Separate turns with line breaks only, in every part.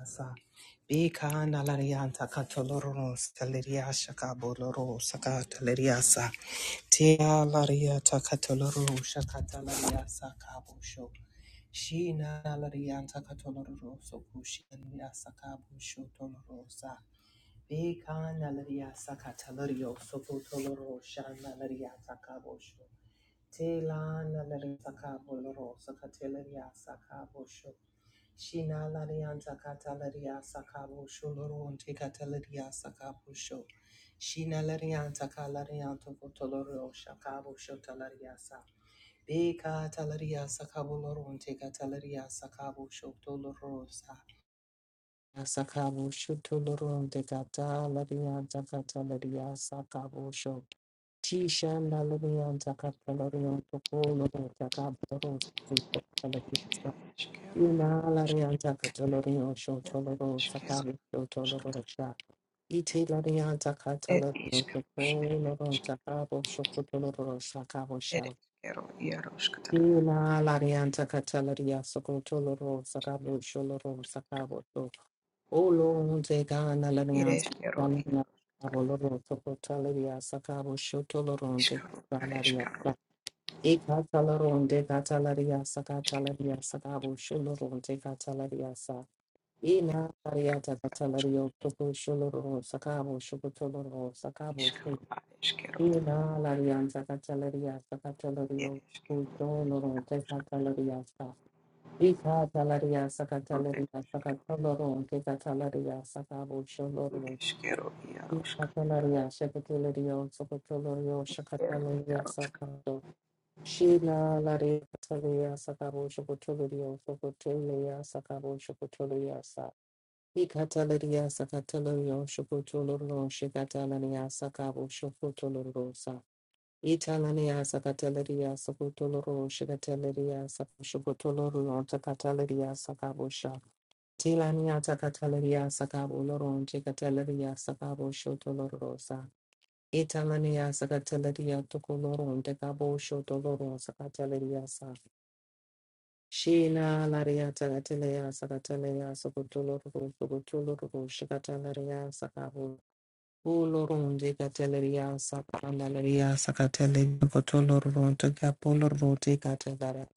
Asa. Bika nalarianta katoloro staleria shaka boloro saka taleriasa. Tia lariata katoloro shaka taleriasa kabusho. Shina nalarianta katoloro sokushi naliasa kabusho tolorosa. Bika nalariasa katalorio sokotoloro shana nalariata kabusho. Tela nalari sakabo loro sakateleria sakabo sho. Shina larianta katalaria sakabo sho loro unte katalaria sakabo sho. Shina larianta kalarianto kotoloro shakabo sho talaria sa. Beka talaria sakabo loro unte katalaria sakabo sho toloro sa. Sakabo sho toloro unte katalarianta katalaria sakabo Tishanda Lilian Takapalorian Topolorian Takaboros, Takaboros,
Eskero,
Inalarian Takatalorian Shotoloro,
eskero,
Sakari Shotolorosha, Itilarian
ed
Takatalorian
iskaros,
Topolorian Takabo Shokotoloro,
ed
Sakabosha,
eskero, iaros katara,
Inalarian Takatalaria Sokotoloro, Sakabo Sholoro, Sakaboto, Olon Tegana
ed
Larian
eskero,
Takalina,
iaro,
Aboloro, Sokotalaria, Sakabo Shotoloron,
iskaro, ad eskaro,
Ikatalarunde katalariasa katalariasa kabo shulurunde katalariasa. Ina ariata katalario toko shuluru sakabo shukutoloro sakabo
iskaro,
shi.
ad eskero,
Ina larianza katalariasa
ed
katalario toko
eskero, iaro,
shulurunde katalariasa. Ikatalariasa
ed
katalariasa
eskero,
katalorunde katalariasa kabo
ed
shuluru.
eskero, iaros,
Ikatalariasa katalario sokotolorio
iskero, iaros,
shakatalariasa Shila Lare Katalia Sakabo Shokotolia Sokotolia Sakabo Shokotolia Sa Ikatalaria Sakatalario Shokotoloro Shikatalaria Sakabo Shokotoloro Sa Italania Sakatalaria Sokotoloro Shikatalaria Sako Shokotoloro Takatalaria Sakabo Sha Tilania Takatalaria Sakabo Loron Chikatalaria Sakabo Shotoloro Sa Italania Sakatalaria Tokoloron Tekabo Shotoloro Sakatalaria Sa Sheena Laria Tagatelea Sagatelea Sokotolo Sokotolo Shikatalaria Sakabo Ulorun de Cateleria Sakandalaria Sakatele Cotolo Ronto Capolo Rote Catalara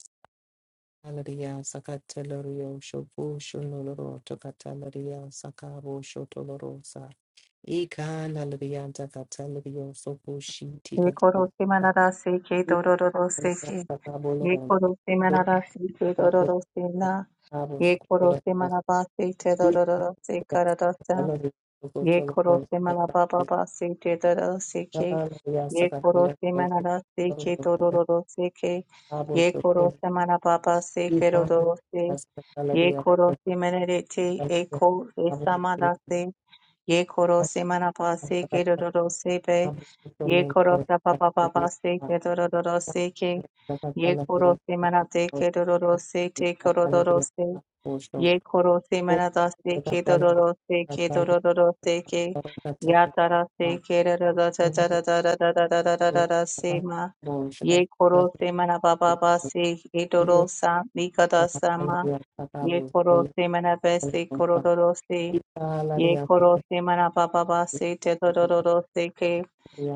Salaria Sakatelerio Shopo Shonolo Tocatalaria Sakabo Shotolorosa Eka Nalaria Tagatelio Sopo Shiti Catalara
Yekorosi manarasi ke dororosi ke.
Sakabo
Yekorosi manarasi ke
Thank
dororosi na. Yekorosi manabasi te dororosi karadasa. Yekorosi manabababasi te dororosi ke. Yekorosi manarasi ke dororosi ke. Yekorosi manababasi ke dororosi. Yekorosi manarete eko esamadasi. Ye koro se manapa se ke do do do se pe. Ye koro sa pa pa pa pa se ke do do do do se ke. Ye koro se manate ke do do do se te koro do do se. Ye koro se manata se ke do do do se ke do
you.
do do do se ke.
Thank
Ya tara se ke do do do da da da da da da da da da da da da se ma. Ye koro se manapa pa pa se ke do do sa ni ka da sa ma. Ye koro se manape se koro do do se. Ye koro se marababa se te dororo se ke.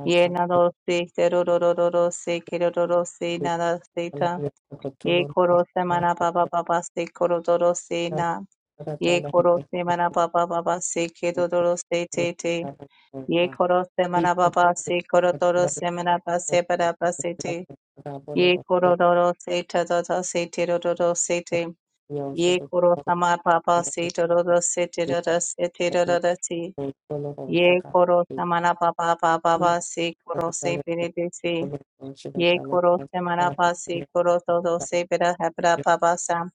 Ye nado se te dororo se ke dororo se nada se ta. Ye koro se mana marababa se koro doro se na. Ye koro se marababa se ke dororo se te te. Ye koro se mana marababa se koro doro se marababa se barababa se te. Ye koro doro se ta doro se te dororo se te. Ye koro se marababa se dororo se te dororo se te dororo se. Ye koro samana papa papa
you.
pa se koro se pere de se. Ye koro samana pa se koro to do se pera hapra papa sam.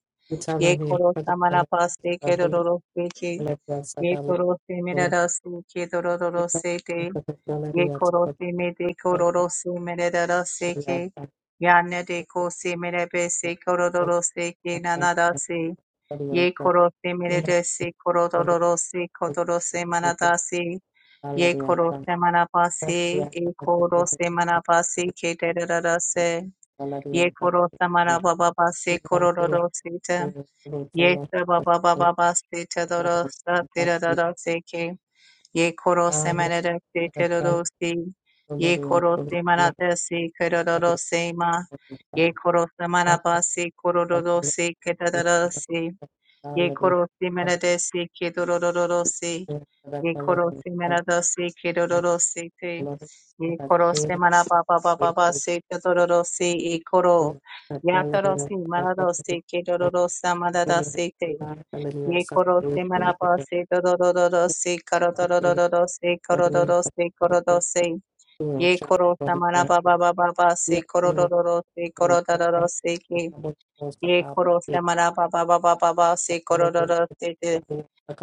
Ye koro samana pa se kero ro ro se ke. Ye koro se mera ra se ke do ro ro ro se te. Ye koro se me de koro ro se mera ra ra se ke. Ya ne de ko se mera be se koro ro ro se ke na na ra
Thank
se. Ye koro se mera de se koro ro ro ro se ko do ro se mana da se. Ye koro se manapasi, e koro se manapasi ke te rara se. Ye koro se manapapa se koro ro ro se te. Ye se baba baba ba se te roro se te re re re se ke. Ye koro se
you.
manada se te
Thank
roro se. Ye koro se manada se ke roro se ma. Ye koro se manapa koro ro ro se ke rara se. Ye koro si menade si kidororo si. Ye koro si menada si kidororo si te. Ye koro si manaba baba baba si kidororo si e koro. Yatoro si manado si kidororo sa manada si te. Ye koro si manaba si dororo si karodororo si korodoro si korodo si. Ye koro sa manaba baba baba si korodoro si si ye koro se mara ba ba ba ba ba ba se koro ro ro se te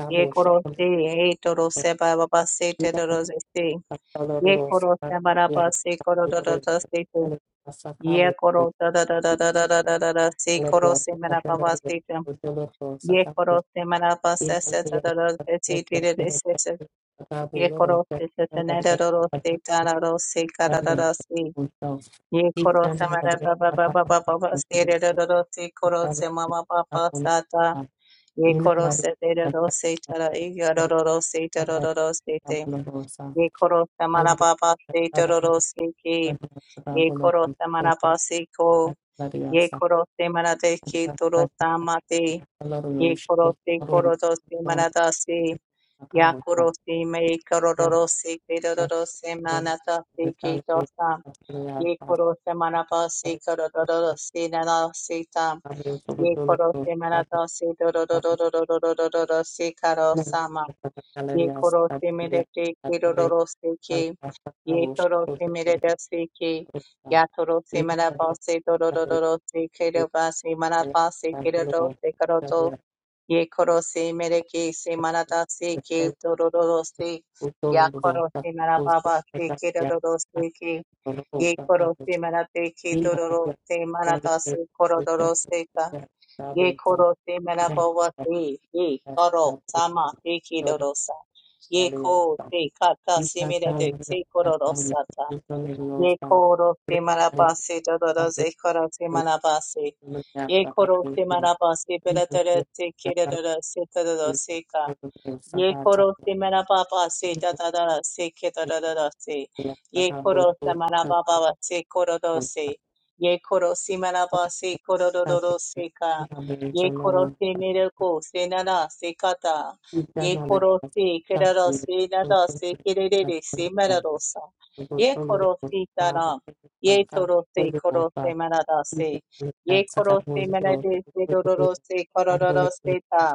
ye koro se ye to ro se ba ba ba se te ro ro
you.
se se
Thank
ye koro se mara ba se koro ro ro ro se te ye koro da da da da da da da da da da se koro se mara ba ba se te ye koro se mara ba se se te ro ro se se te re re se se ye koro se se te ne ro ro ro se ta ra ro se ka ra ra ra se ye koro se mara ba ba ba ba ba ba ba se re ro ro ro se koro se ma ma ba ba sa ta Ye koro se te ro ro se te ra i ga ro ro ro se te ro ro ro se te. Ye koro se mana pa pa se te ro ro se ki. Ye koro se mana
you.
pa se ko. Ye koro se mana te ki to ro ta ma te. Ye koro se koro to se mana ta se. Ya koro se me i koro ro ro se te ro ro ro se mana ta se ki to sa. Ye koro se manaba se koro do se nana se tam. Ye koro se manada se do
Thank
se karo sama. Ye koro se merete ke se ke. Ye toro se merete se ke. Ya toro se manaba se do se ke se manaba se ke se karo Ye koro se mere ke se marata se ke tororo se ya koro se mara baba se ke tororo
you.
se ke
Thank
ye koro se marate ke tororo se marata se koro tororo se ka ye koro se mara baba se ye koro sama te ke tororo sa ye ko se kata se mere te se koro rosa Ye koro se manabasi dododo se koro se manabasi. Ye koro se manabasi bedododo se kidododo se dododo se Ye koro se mera papa se da da da da se ke da da da da se. Ye koro se mera papa wa se koro do se. Ye koro se mera ba se koro do do do se ka. Ye koro se
you.
mera ko se na na se ka ta. Ye koro se ke da da se na da se ke re re re se mera do sa. Ye koro se ta na. Ye toro se koro se mera da se. Ye koro se mera de se do do do se koro do do se ta.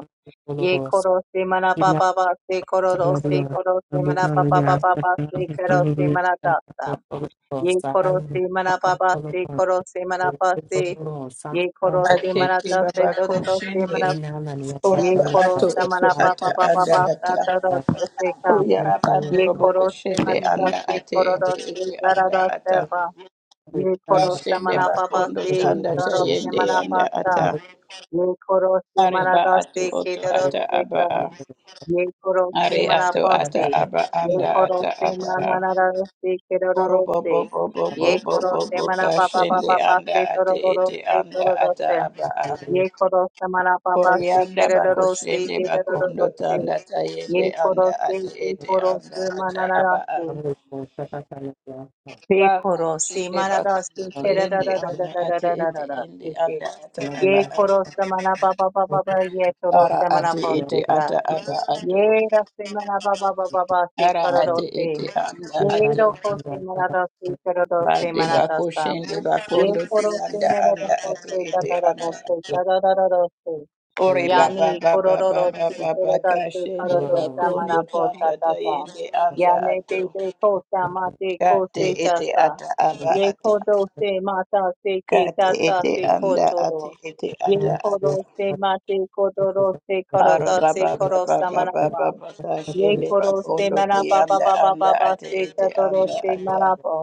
Ye koro se mana pa pa
Inhala,
pa se koro ro se koro se mana pa pa pa pa pa se koro se mana ta ta. Ye koro se mana pa pa se koro se mana pa se. Ye koro se mana
Akete
ta se
baba
to to to se
koshende
mana. Ye
oraba
koro
ato
se
oto
mana pa
ata
pa pa pa
anda
pa
ata
sa ta ta ta se ka.
We We
oyaraba
Ye
ndorobo
koro se
koshende
mana ta
anda
se
ate
koro ro
ete
se
ete
ta ra
anda
ra
ata
se pa.
We
Ye
have
koro
have to
se
kashende
mana pa pa
bakondo
se
tanda
to ro se
tayende
mana pa
anda
sa.
ata
Ye koro se mana
areba
ta
ato
se ke
oto
to ro
ata
se
aba
ka.
a
Ye koro se
are ato ata
manapose.
aba
Ye
anda
koro
ata
se
aba a
manararose
orobo
kerororose.
bo bo bo bo
Ye
bo
koro
bo
se
bo kashende anda
manapapapapapase
ate ete
torororose
anda ata
tororose.
aba
of
a
Ye
salary
koro se manapapase
Orianda bako
kerororose
shende bakondo
kerororose.
tanda
Ye
tayende
koro
anda
se
ate
ye
ete
koro
anda
se
ata aba a.
manararose.
for the second level for second salary of the
Ye
Bako
koro se
shende bakondo
manararose
market for
toyende
the
anda ate ete ende
kerorororororororose.
anda ata
salary of
aba
Ye
a.
koro
the
se
also for
manapapapapapa ye koro
Ara
second
se
salary
ate
of
ete
manapose
the
ata aba
salary
ato.
Yera se manaba baba baba se
we
Ara
have
ate ete
karadose.
anda
the
ato.
Yero
under second salary of
kose
the salary of
manada
the
se karadose
Bade bako
manadasa.
shende
Yen
bakondo
korose
tuyanda
merada
anda ate
kose
ete anda
tataradase
ato.
tataradose.
Ore
salary of
baba
Yani
baba baba
kororose
baba
karadase
the
kashende
karadosa
salary of the
bakondo
manapo
tanda
tatata.
tayende anda
Yane te
ato.
te kosa mate
Kati
salary of
kose
iti
tasa.
ata
Thank you.
aba
Ye
ata.
kodose mata se ke
Kati
tata
iti
se
Thank
anda ati
kotoro.
iti
Ye
ata ata.
kodose mate kodorose
Aro baba
karadase
baba
korosa
baba
manapa.
baba
Ye
kashinde
koro se
bakondo
mara
ti
pa pa
anda
pa pa pa
anda
pa
ati
se ta
iti
doro
anda
se
ata.
mara bo.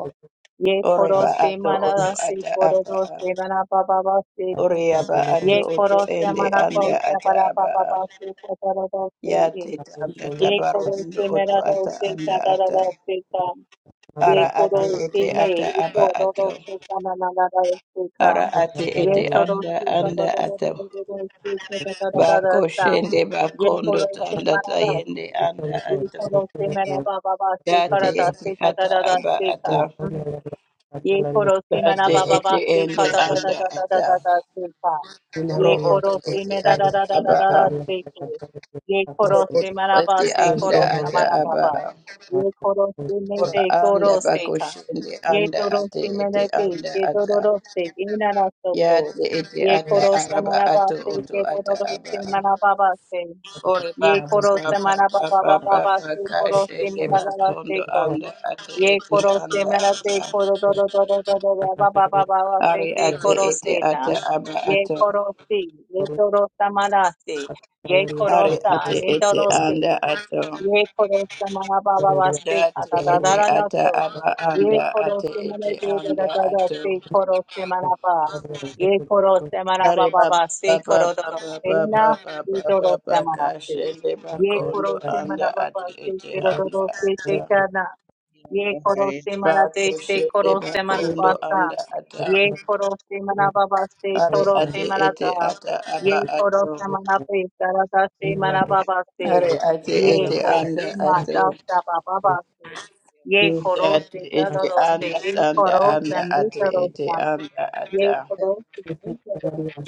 Ye
Ore
koro
ba
se
ato
mara
oto
la se
ata
koro
aba
do
a.
se mara pa pa pa se ta.
Ore aba
Ye
ato oto
koro se
ende
mara bo
anda
se
ata
mara pa
aba
pa
a.
pa se ta doro do se
Ya
ye.
tita anda
Ye
tabaru
koro
ndo
se
oto
mara do
ata
se ta
anda
doro
ata.
do se ta. Ye
Ara
koro
ati
si
iti
me,
ata
iko
aba
dodo
ato.
si sama na na na si
Ara
kam.
ati
Ye
iti
koro
anda
si sa da
anda
da da da
ato.
da da da si sa da da da da da sa.
Bakoshende
Ye
bakondo
koro si
tanda
mana da ku.
tayende anda
Ye
ato.
koro si me na ba ba ba si
Date
kara da
ete
si da da
ata
da da
aba
si
ata.
ka. Ye korosi mena
Date
baba
ete
basi
ende
kata da da
anda
da da da
ata.
da da sika.
Oro
Ye
oto
korosi
ete
mena da
ata
da da da
aba
da
a.
da siki. Ye
Oro
korosi
oto
mena
ete
basi
anda
korosi
ata
mena
aba
baba.
a.
Ye korosi
Ora
mene
anda
korosi ka.
bakoshende
Ye
anda ate
korosi
ete
mene te
anda
ye
ata.
dororosi ina na soko.
Yate ete
Ye
ata
korosi
araba
mena
ato
basi
oto
ye
ata aba
dororosi
a.
mena baba se.
Ore baba
Ye
baba
korosi mena
baba
baba baba
baba
basi korosi
kashende
mena da da
bakondo
siko.
anda ate
Ye
ete
koro se
anda
marate
ata
koro do do do do do do do ba ba ba ba ba
are
se te
you.
ate
koro
ete
se na.
ata
Thank
aba
Ye
ato
koro si ye toro sa marate ye koro
are
sa
ate
ne
ete
toro se
anda
na.
ato
Ye koro sa mara ba ba ba se ka
date
da da
ete
da da da
ata
to.
aba
Ye
anda
koro
ate
se mara
ete
de da da
anda
da da
ato
se koro se mara ba. Ye koro se mara
ari
ba ba ba
baba
se
baba
koro do do
baba
se na
baba
ye
baba
toro
baba
se mara se.
kashende
Ye
bakondo
koro se
anda
mara ba ba
ate
se
ete
koro do
anda
do se te
ata
ka na. Ye korose marate
Bako
se
shende
korose
bakondo
marabasa.
anda ata
Ye korose marababa se
Are
torose
ate
marata.
ete ata
Ye
aba
korose
ato.
marape sarata se marababa se.
Are ate
Ye
ete
ko
anda
umata
ato.
sabababa se. Ye
Date
korose
ete
dadose.
anda
Ye
tanda
korose
anda ate ete
mitarosa.
anda
Ye
ata.
korose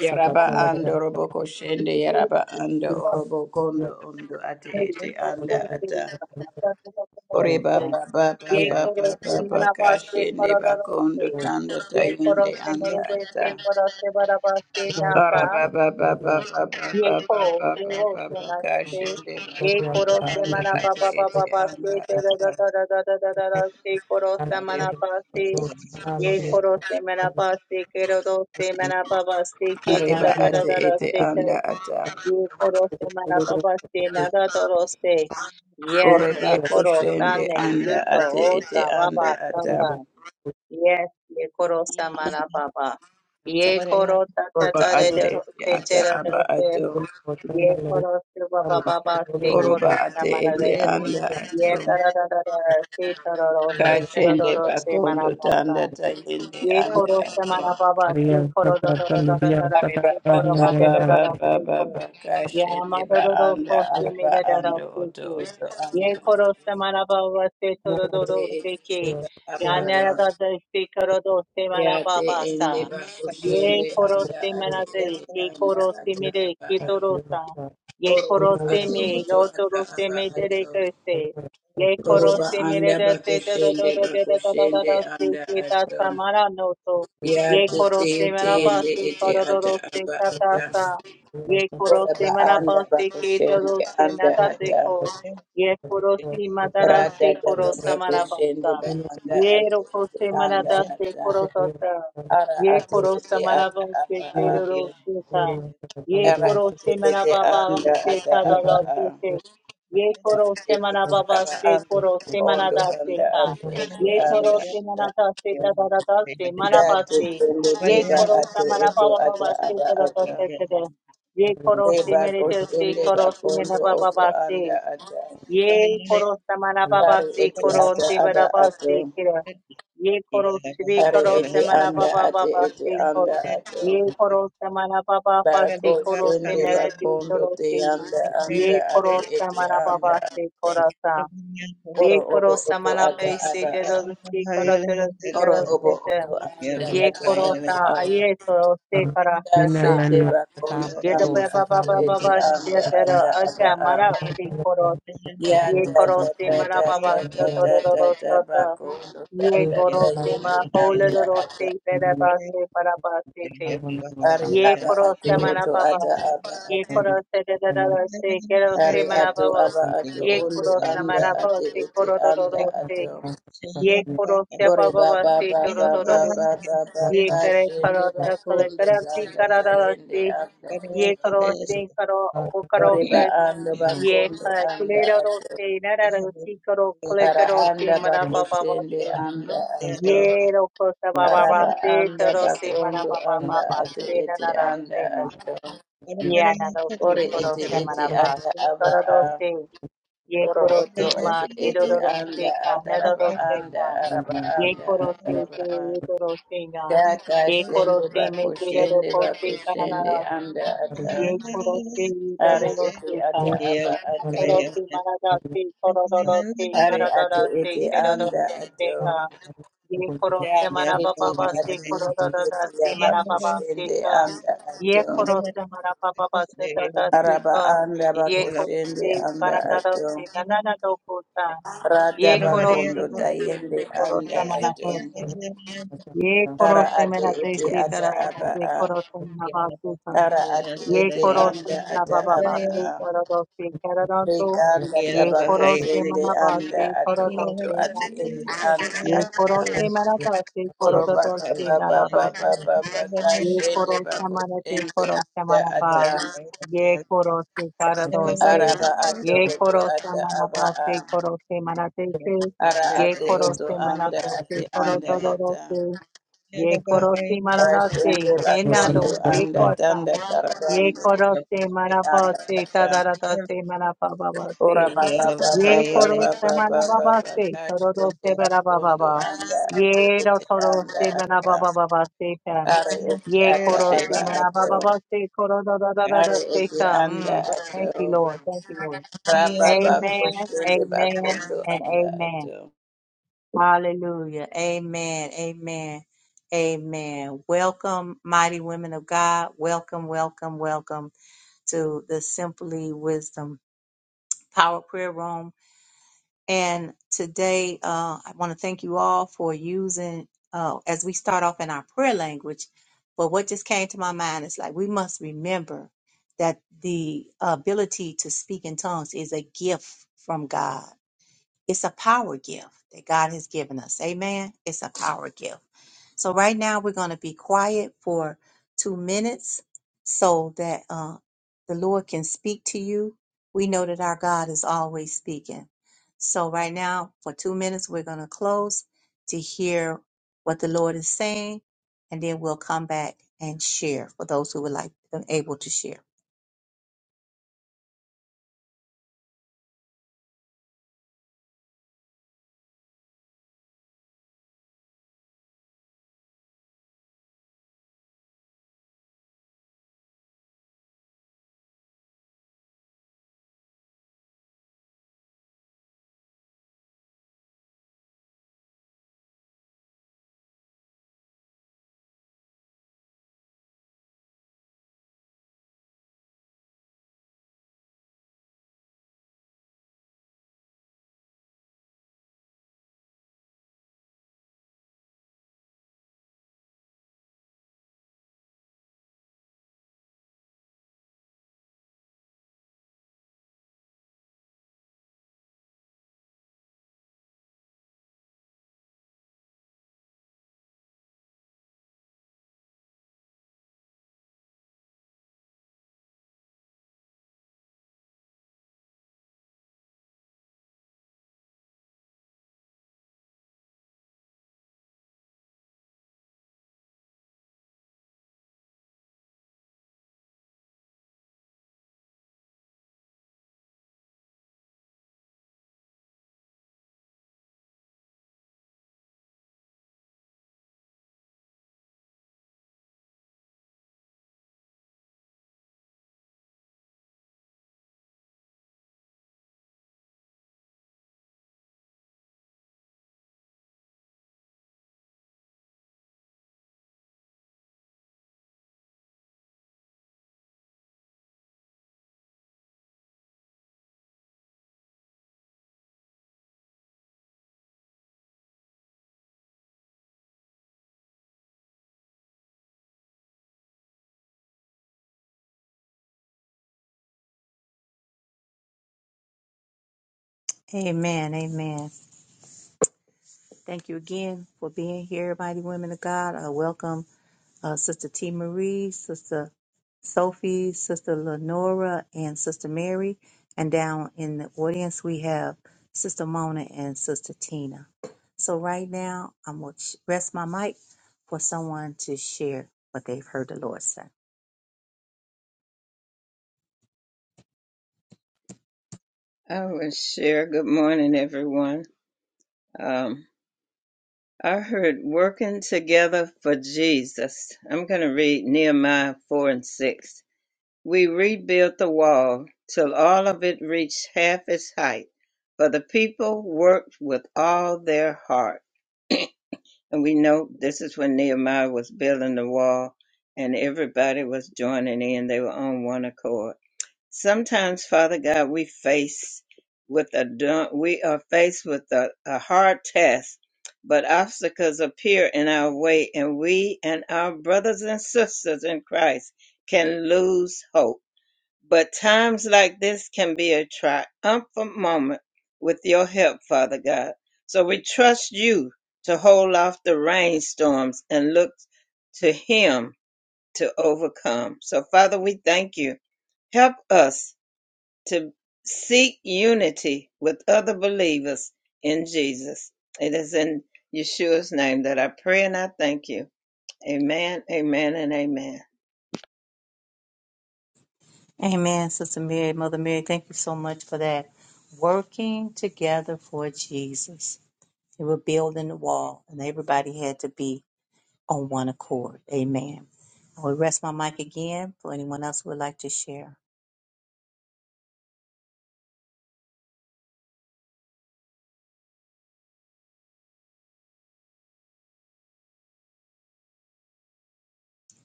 Yaraba ando roboko shende yaraba ando orobo kondo ondo ate ete anda ata. Ore baba baba
Ye koro
baba
se
baba
merabaste
kashende bakondo
korororose.
tanda
Ye koro
tayende
se
anda
meredeste
ata.
korose barabaste nata.
Kashinde
Ye ko se wo se narase. Ye
makondo
koro se
anda ate
marababa
ete
bababaste
anda ata
you.
terororororororose koro se marabaste. Ye koro se merabaste kerorose merababaste ke
areba ate ete
terororororose
anda ata
Ye koro se marababa se nada toro se. Yes,
oreba
ye koro
koshende
sane
anda
ito
ate ete
osa baba
anda ata
tata. Yes, ye koro sa marababa. Ye koro tata
roba
tare de
ate
ro-
ete
se
ata
chera de
aba
se.
ato
Ye koro se baba baba se
oroba
koro sa
ate ete
marade.
Yeah.
anda ato
Ye tara da da da se tara ro se tara ro
kashende
ro se
bakondo
marababa.
tanda tayende
Ye
anda
koro
ato
samana baba se koro do do do do do do do
Ariba
se
ba
koro
ba
ma de
ba
do do
ba
do
ba
se
ba
koro
ba ka
ya ma
shende
do
ba
do do
anda
so se me
araba
de do do
ando
se
oto
ke
oto anda
ye koro samana baba se to do do do
te
se ke
ete aba
ya na da
a
da da se koro do se
ya
mana
te
baba
ende
sa
ba
ye
kushende
koro
anda
se
ate
mana de
ete
ye
anda
koro se
ata
me de
aba
ke
a
to sa ye
oroba
koro se
ato
me
oto
do to
ata
do se
aba
me de de
ato
ke se Ye koro
oroba
se mere
anda ba
da se da da
kushende
da da
ba
da da da da da
kushende
da se
anda
se da
ato
samara no to.
ya
Ye
te
koro
te
se
ete
mera ba
ende
se
ete
koro do
ata
do se
aba
ta ta
ata
sa. Ye koro
oraba
se mara
anda
ba
ba
se ke da
kushende
do se na
anda
ta se
ata
ko. Ye koro si ma da ra
Rada
se
dada
koro samara
bako
mara ba
shende
sa.
ba anda
Ye
ate
ro ko
ete
se mera
anda
da se
ata.
koro to ta
Ara
Ye
ati
koro
ete
samara mara
ata
se
aba
ke
a.
Hallelujah.
do do se ta
Thank
Ye
Ara
koro
ate
se mara
ete
pa pa pa
anda
se
ata
ta da
aba
da
a.
se se. Ye koro
Date
semana
ete
baba
ara
se
anda
koro
ate
semana
ondo
da se
anda
ka.
ate ete
Ye toro
anda ata.
semana da se ta da da da se mana ba
Date
se.
tende
Ye
teba
koro
ate
semana
oto
baba
ata
baba se
aba
te da da
ata.
se te da. Ye koro
Teba
semene
ko
te se
shende ba
koro semana
kondo
baba
oto
ba
anda
se.
ata.
Ye koro samana baba
Ari
se
ete
koro
ata
se
aba
baba
ato.
se kira. Ye koro sri
Ari
koro
ete
samana
anda
baba
ati
baba
ete
se koro.
anda ato.
Ye koro samana baba baba
Bako
se koro se
shende
mere se
bakondo
koro
te
se.
anda anda
Ye
ate
koro
ete
samana
anda
baba se koro sa.
oro
Ye
obo
koro
oto
samana
ata
pe se
aba
te
a.
do se koro te do se te
oro
do
obo
se te.
oto anda
you.
Ye
ate
koro
aba
sa
a.
ye koro se kara sa sa.
kashende bakondo
Ye to
anda
baba
ate
baba
ete
baba se
anda
te do
ata aba
aga
a.
mara se
ya
Ye
da
koro
da
se
da
mara
da
baba
da
sa
da
to
da
ro
da da
ta.
bakondo
Ye
anda
koro ma
tayende
ho le
anda
ro ro se
ata
te ra ba
Thank
se para ba se te.
ari
Ye
aba
koro
ato
se mara
oto
baba.
ata aba
Ye
ato
koro se te ra ra ra se ke ro se
Ari
mara
ato
baba.
aba ato
Ye
ondo
koro se
anda
mara baba
ate
se
ete
koro ro ro
anda
ro se.
ato.
Ye koro se
Ore ba ba
se
ba
to
ba ba ba ba
Ye kare
kashende
karo se kare
bakondo
kare
tanda
you.
tayende anda.
Ye karo karo o
Ore ba
karo
ando
Ye
bakondo
ka
anda
clero
ato.
se nararo si coro
Ara
clecoro se
anda
marababa
bakoshende
se.
anda ato.
Ye ro cosa
Ara
baba
ba
se
anda
toro se mara
bakondo
ba ba
anda
ba
Thank
ba
ate
se
ete
nara ra
anda
se na.
ato.
Ye anaro si
Ore
coro
ete
se
ete
mara ba
ata
se
aba
coro se. Ye
Oro
coro
oto
se
ete
ma se
ete
roro
anda
se ka
ataraba
nararo se
anda
ka.
araba
Ye
anda
coro se
ataraba
se ye
anda.
toro se na.
Daka
Ye
shende
coro se me
bako
se
shende
roro
bako
se ka nara
shende
ra se.
anda ata.
Ye coro se ye
Are
toro ro
ete
se ka.
ata aba
Yeah.
ato.
Koroki Maradasi Kororosi
Are ate
Karadadasi
ete anda
Terodorosi
ato.
Ka Ye Korose
Daka ete
Marabababasi
kati ete ete
Kororodasi
ya bako
Marababasi
shende
Ka
anda
Ye
ato.
Korose Marabababasi Dadasi
Araba
Ka
anda bako
Ye
shende
Korose
anda ato.
Karadadasi Nananadokusa
Rada
Ye Korose
bakondo tayende
Maradesi
anda
Korosa
ato.
Marabose Ye
Ara
Korose
ate ete
Maradesi
ata aba
Karadadasi
a.
Korose Marababasi
Ara ate
ye
ete
koro se
anda
mana
ata
baba ba
aba
se
a.
koro do se koro do do
Reka anda
ye
tabako
koro se
shende
mana ba se
anda
I
koro
ato
do
oto
se da
ate
de
ete anda
ye koro
ata.
se mana da se koro
Koro
do do
baba
se da da
baba
do
baba
se
baba
ye
kashende
koro se
bako
mana se
shende
koro se
anda
mana ba
ata.
ye koro se kara do se
Araba ato
ye
oto
koro se
ata
mana
aba
ba
a.
se koro se mana de se
Ara
ye
ate
koro
oto
se mana
anda
do se
ate
koro
anda
do do do
ata.
se ye koro se mana da se
Kashende
enado
bakondo anda
you.
ye
tanda
Ye
tarabando
koro se maraba
anda
se
ata.
tadarata se maraba baba
Ora
se.
baba baba
Ye koro
baba
se
baba
maraba baba
baba
se torodo
kashende
se maraba
kakondo
baba.
anda ati
Ye ro
ete
toro
anda
se maraba
ata
baba baba se tam.
are ete
Ye
ata
koro se
aba
maraba
ato
baba se korodo da da da da
are
se
ete
tam.
anda
Mm. Thank you,
ato
Lord. Thank you, Lord.
baba
Amen.
bakoshende
Amen.
bakondo
And
anda
amen.
ato.
Hallelujah. Amen. Amen. Amen. Welcome, mighty women of God. Welcome, welcome, welcome to the Simply Wisdom Power Prayer Room. And today, uh, I want to thank you all for using, uh, as we start off in our prayer language. But what just came to my mind is like, we must remember that the ability to speak in tongues is a gift from God it's a power gift that God has given us. Amen. It's a power gift. So right now we're going to be quiet for two minutes so that uh, the Lord can speak to you. We know that our God is always speaking. So right now for two minutes we're going to close to hear what the Lord is saying, and then we'll come back and share for those who would like and able to share. Amen. Amen. Thank you again for being here, mighty women of God. Uh, welcome. uh, Sister T. Marie, Sister Sophie, Sister Lenora, and Sister Mary. And down in the audience, we have Sister Mona and Sister Tina. So, right now, I'm going to rest my mic for someone to share what they've heard the Lord say.
was sure. Good morning, everyone. Um, I heard working together for Jesus. I'm going to read Nehemiah 4 and 6. We rebuilt the wall till all of it reached half its height, for the people worked with all their heart. And we know this is when Nehemiah was building the wall and everybody was joining in. They were on one accord. Sometimes, Father God, we face with a du- we are faced with a, a hard test, but obstacles appear in our way, and we and our brothers and sisters in Christ can lose hope. But times like this can be a triumphant moment with your help, Father God. So we trust you to hold off the rainstorms and look to Him to overcome. So, Father, we thank you. Help us to seek unity with other believers in Jesus. It is in Yeshua's name that I pray and I thank you. Amen, amen, and amen.
Amen, Sister Mary, Mother Mary, thank you so much for that. Working together for Jesus. They were building the wall, and everybody had to be on one accord. Amen. I will rest my mic again for anyone else who would like to share.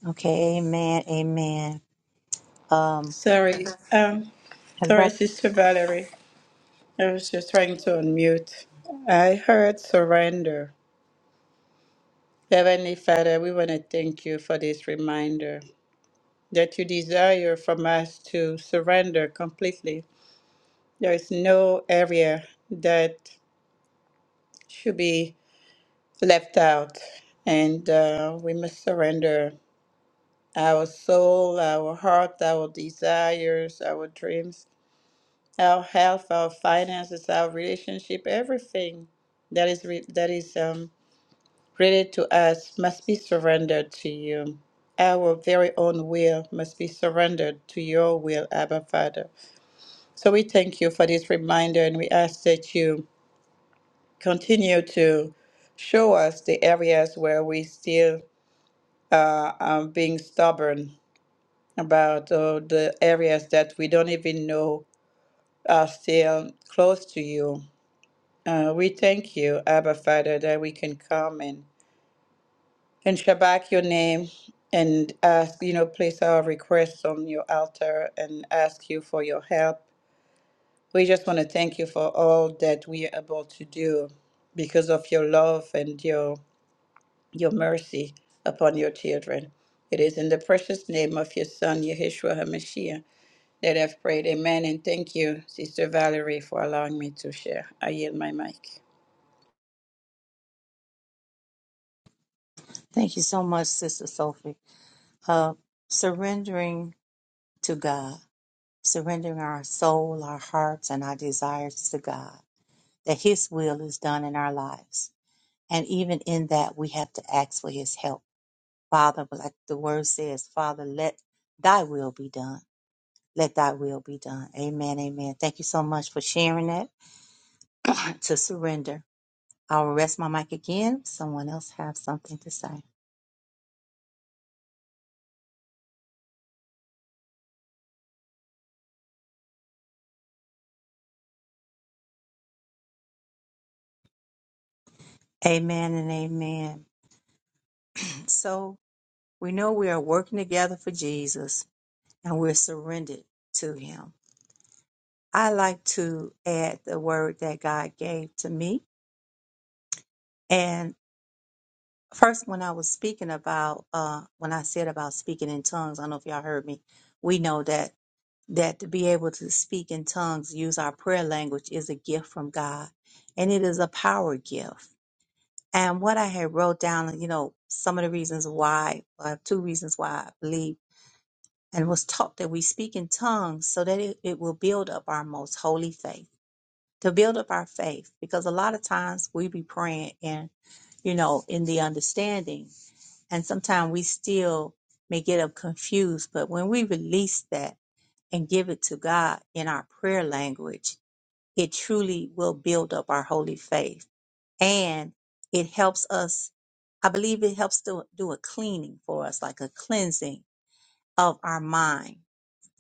Okay, amen, amen. Um,
Sorry, um,
and
sorry,
that-
Sister Valerie. I was just trying to unmute. I heard surrender. Heavenly Father, we want to thank you for this reminder. that you desire from us to surrender completely. There is no area that should be left out, and uh, we must surrender our soul, our heart, our desires, our dreams, our health, our finances, our relationship, everything that is re- that is um, related to us must be surrendered to you. Our very own will must be surrendered to your will, Abba Father. So we thank you for this reminder and we ask that you continue to show us the areas where we still uh, are being stubborn about uh, the areas that we don't even know are still close to you. Uh, we thank you, Abba Father, that we can come and, and Shabbat your name and ask, you know, place our requests on your altar and ask you for your help We just want to thank you for all that we are able to do because of your love and your your mercy upon your children. It is in the precious name of your son, Yeshua HaMashiach, that I've prayed. Amen. And thank you, Sister Valerie, for allowing me to share. I yield my mic.
thank you so much, Sister Sophie. Uh, surrendering to God, surrendering our soul, our hearts, and our desires to God, that His will is done in our lives. And even in that, we have to ask for His help. Father, like the word says, Father, let thy will be done Let thy will be done. Amen. Amen. Thank you so much for sharing that to surrender. I'll rest my mic again. Someone else have something to say. Amen and amen. So we know we are working together for Jesus and we're surrendered to him. I like to add the word that God gave to me. And first, when I was speaking about, uh, when I said about speaking in tongues, I don't know if y'all heard me. We know that that to be able to speak in tongues, use our prayer language is a gift from God and it is a power gift. And what I had wrote down, you know, some of the reasons why, uh, two reasons why I believe and was taught that we speak in tongues so that it, it will build up our most holy faith, to build up our faith, because a lot of times we be praying and, you know, in the understanding and sometimes we still may get up confused. But when we release that, and give it to God in our prayer language, it truly will build up our holy faith. And it helps us, I believe it helps to do a cleaning for us, like a cleansing of our mind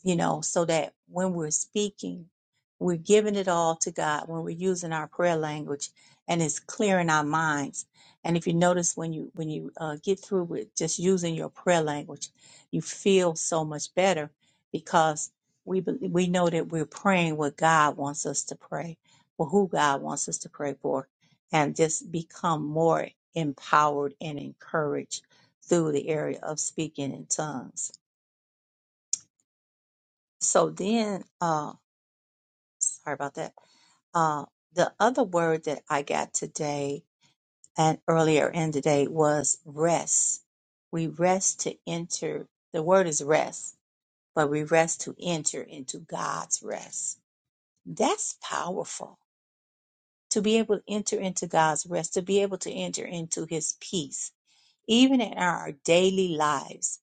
you know, so that when we're speaking, we're giving it all to God when we're using our prayer language and it's clearing our minds. And if you notice when you when you uh, get through with just using your prayer language, you feel so much better because we bel- we know that we're praying what God wants us to pray, for who God wants us to pray for, and just become more empowered and encouraged through the area of speaking in tongues. So then. uh, sorry about that. Uh, the other word that I got today and earlier in the day was rest. We rest to enter. The word is rest, but we rest to enter into God's rest. That's powerful. To be able to enter into God's rest, to be able to enter into his peace, even in our daily lives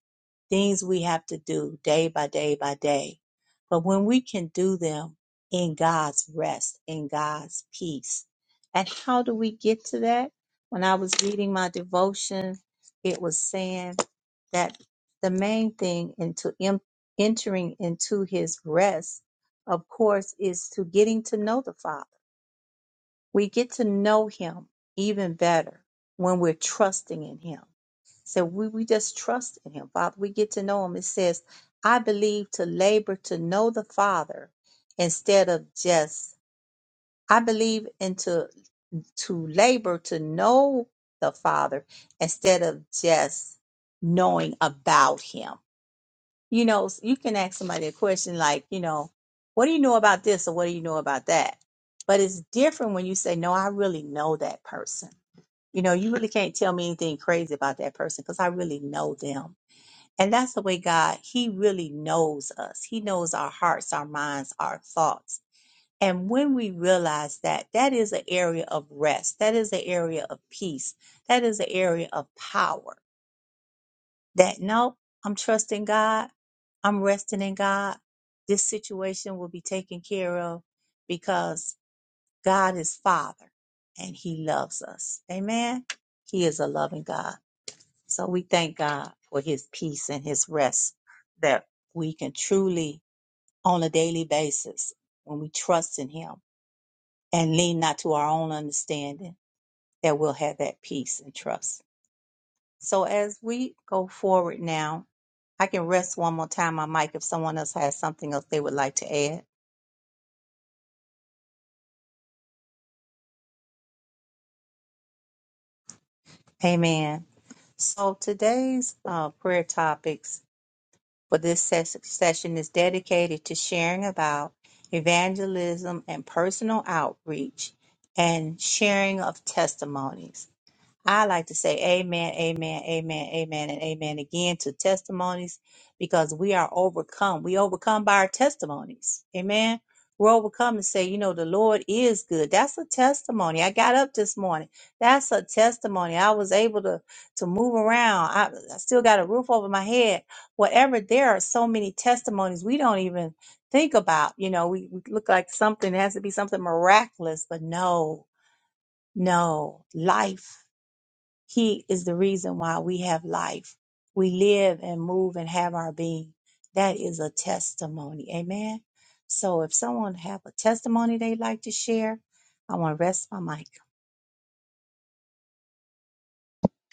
things we have to do day by day by day. But when we can do them in God's rest, in God's peace. And how do we get to that? When I was reading my devotion, it was saying that the main thing into em- entering into his rest, of course, is to getting to know the Father. We get to know him even better when we're trusting in him so we, we just trust in him. Father, we get to know him. It says, I believe to labor to know the Father instead of just I believe into to labor to know the Father instead of just knowing about him. You know, s- you can ask somebody a question like, you know, what do you know about this or what do you know about that? But it's different when you say, No, I really know that person. You know, you really can't tell me anything crazy about that person because I really know them and that's the way God, He really knows us. He knows our hearts, our minds, our thoughts. And when we realize that, that is an area of rest. That is an area of peace. That is an area of power. That no, I'm trusting God. I'm resting in God. This situation will be taken care of because God is Father and He loves us. Amen. He is a loving God. So we thank God for his peace and his rest that we can truly, on a daily basis, when we trust in him and lean not to our own understanding, that we'll have that peace and trust. So as we go forward now, I can rest one more time on mic if someone else has something else they would like to add. Amen. So today's uh, prayer topics for this ses- session is dedicated to sharing about evangelism and personal outreach and sharing of testimonies. I like to say amen, amen, amen, amen, and amen again to testimonies because we are overcome. We overcome by our testimonies. Amen. We're overcome and say, you know, the Lord is good. That's a testimony. I got up this morning. That's a testimony. I was able to to move around. I, I still got a roof over my head. Whatever. There are so many testimonies we don't even think about. You know, we, we look like something it has to be something miraculous, but no, no. Life he is the reason why we have life. We live and move and have our being. That is a testimony. Amen. So if someone have a testimony they'd like to share, I want to rest my mic.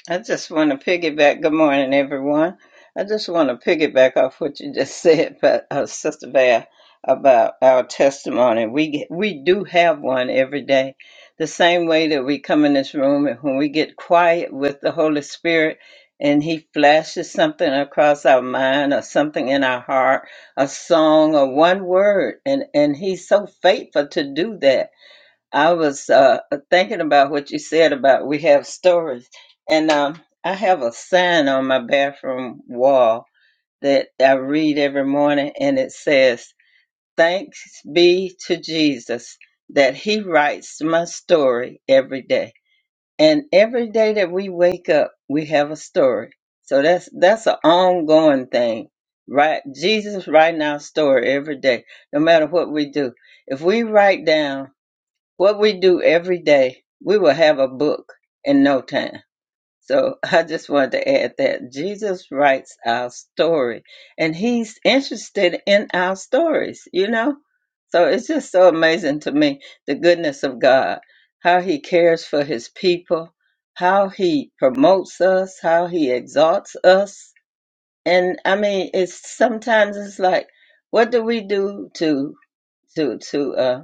I just want to piggyback. Good morning, everyone. I just want to piggyback off what you just said, but uh, Sister Val, about our testimony. We get- we do have one every day. The same way that we come in this room, and when we get quiet with the Holy Spirit, and He flashes something across our mind, or something in our heart, a song, or one word, and and He's so faithful to do that I was uh, thinking about what you said about we have stories, and um, I have a sign on my bathroom wall that I read every morning, and it says, "Thanks be to Jesus that He writes my story every day." And every day that we wake up, we have a story. So that's that's an ongoing thing, right? Jesus writing our story every day, no matter what we do. If we write down what we do every day, we will have a book in no time. So I just wanted to add that Jesus writes our story and he's interested in our stories, you know? So it's just so amazing to me the goodness of God, how he cares for his people, how he promotes us, how he exalts us. And I mean, it's sometimes it's like, what do we do to to to uh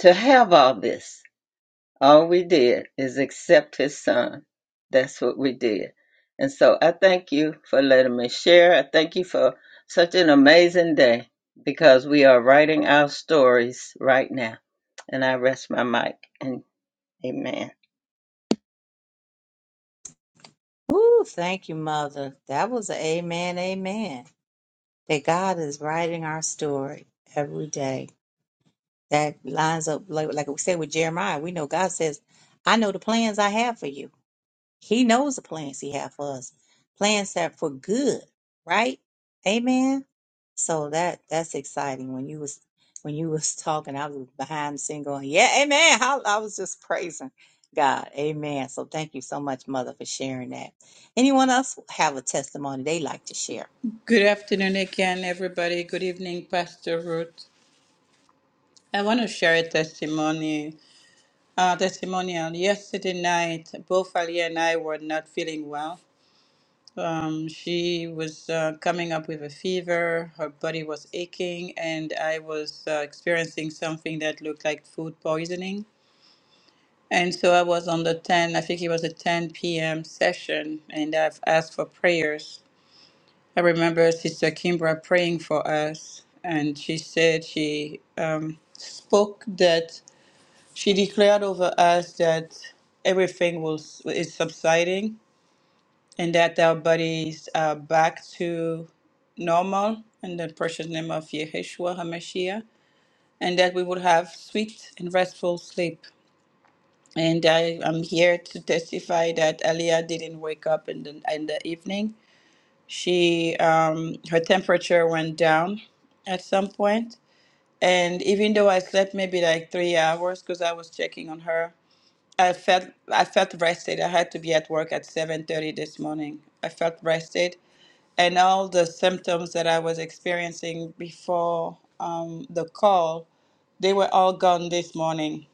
to have all this? All we did is accept his son. That's what we did. And so I thank you for letting me share. I thank you for such an amazing day because we are writing our stories right now. And I rest my mic and amen.
Woo, thank you, mother. That was an amen, amen. That God is writing our story every day. That lines up like like we said with Jeremiah. We know God says, I know the plans I have for you. He knows the plans he has for us. Plans that are for good, right? Amen. So that that's exciting. When you was when you was talking, I was behind the scene going, Yeah, amen. I, I was just praising God. Amen. So thank you so much, mother, for sharing that. Anyone else have a testimony they like to share?
Good afternoon again, everybody. Good evening, Pastor Ruth. I want to share a testimony. Uh, testimonial. Yesterday night, both Ali and I were not feeling well Um, she was uh, coming up with a fever, her body was aching, and I was uh, experiencing something that looked like food poisoning. And so I was on the 10, I think it was a 10 p.m. session, and I've asked for prayers. I remember Sister Kimbra praying for us, and she said she um, spoke that she declared over us that everything was is subsiding and that our bodies are back to normal in the precious name of Yeshua HaMashiach, and that we would have sweet and restful sleep. And I am here to testify that Aliyah didn't wake up in the, in the evening. She um, her temperature went down at some point, and even though I slept maybe like three hours because I was checking on her, I felt I felt rested. I had to be at work at seven thirty this morning. I felt rested and all the symptoms that I was experiencing before um, the call, they were all gone this morning.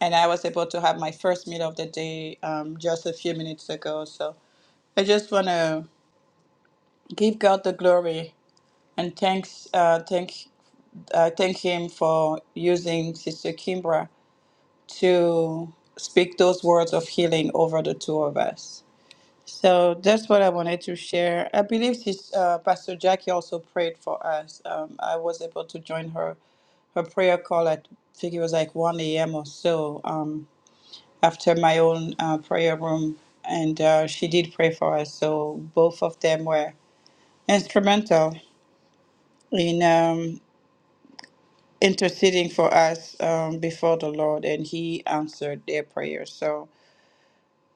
And I was able to have my first meal of the day um, just a few minutes ago. So I just want to give God the glory and thanks, uh, thank, uh, thank Him for using Sister Kimbra to speak those words of healing over the two of us. So that's what I wanted to share. I believe she's, uh, Pastor Jackie also prayed for us. Um, I was able to join her her prayer call at I think it was like 1 a.m. or so um, after my own uh, prayer room, and uh, she did pray for us. So both of them were instrumental in um, interceding for us um, before the Lord, and He answered their prayers. So.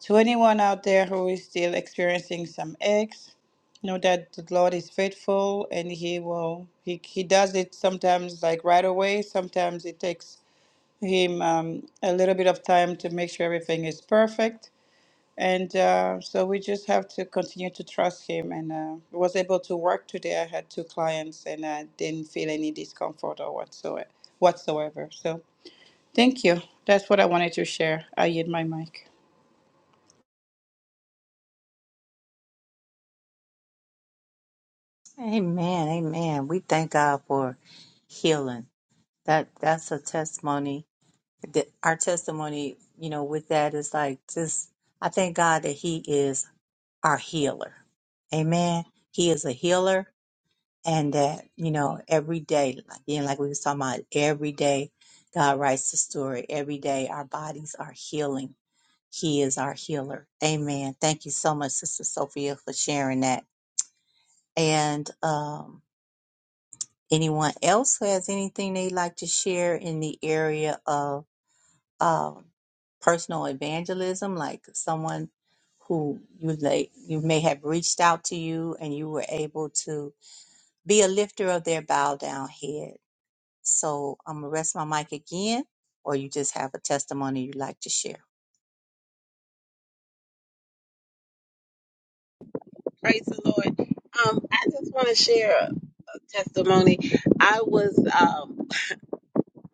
To anyone out there who is still experiencing some aches, know that the Lord is faithful and He will, He, he does it sometimes like right away. Sometimes it takes Him um, a little bit of time to make sure everything is perfect. And uh, so we just have to continue to trust Him. And uh, I was able to work today. I had two clients and I didn't feel any discomfort or whatsoever. whatsoever. So thank you. That's what I wanted to share. I yield my mic.
Amen. Amen. We thank God for healing. That that's a testimony. That our testimony, you know, with that is like just I thank God that He is our healer. Amen. He is a healer and that, you know, every day, like- you know, like we was talking about, every day God writes the story. Every day our bodies are healing. He is our healer. Amen. Thank you so much, Sister Sophia, for sharing that. And um anyone else who has anything they'd like to share in the area of. um, personal evangelism, like someone who you lay, you may have reached out to you and you were able to be a lifter of their bowed down head. So I'm gonna rest my mic again, or you just have a testimony you'd like to share.
Praise the Lord. Um, I just want to share a testimony. I was um,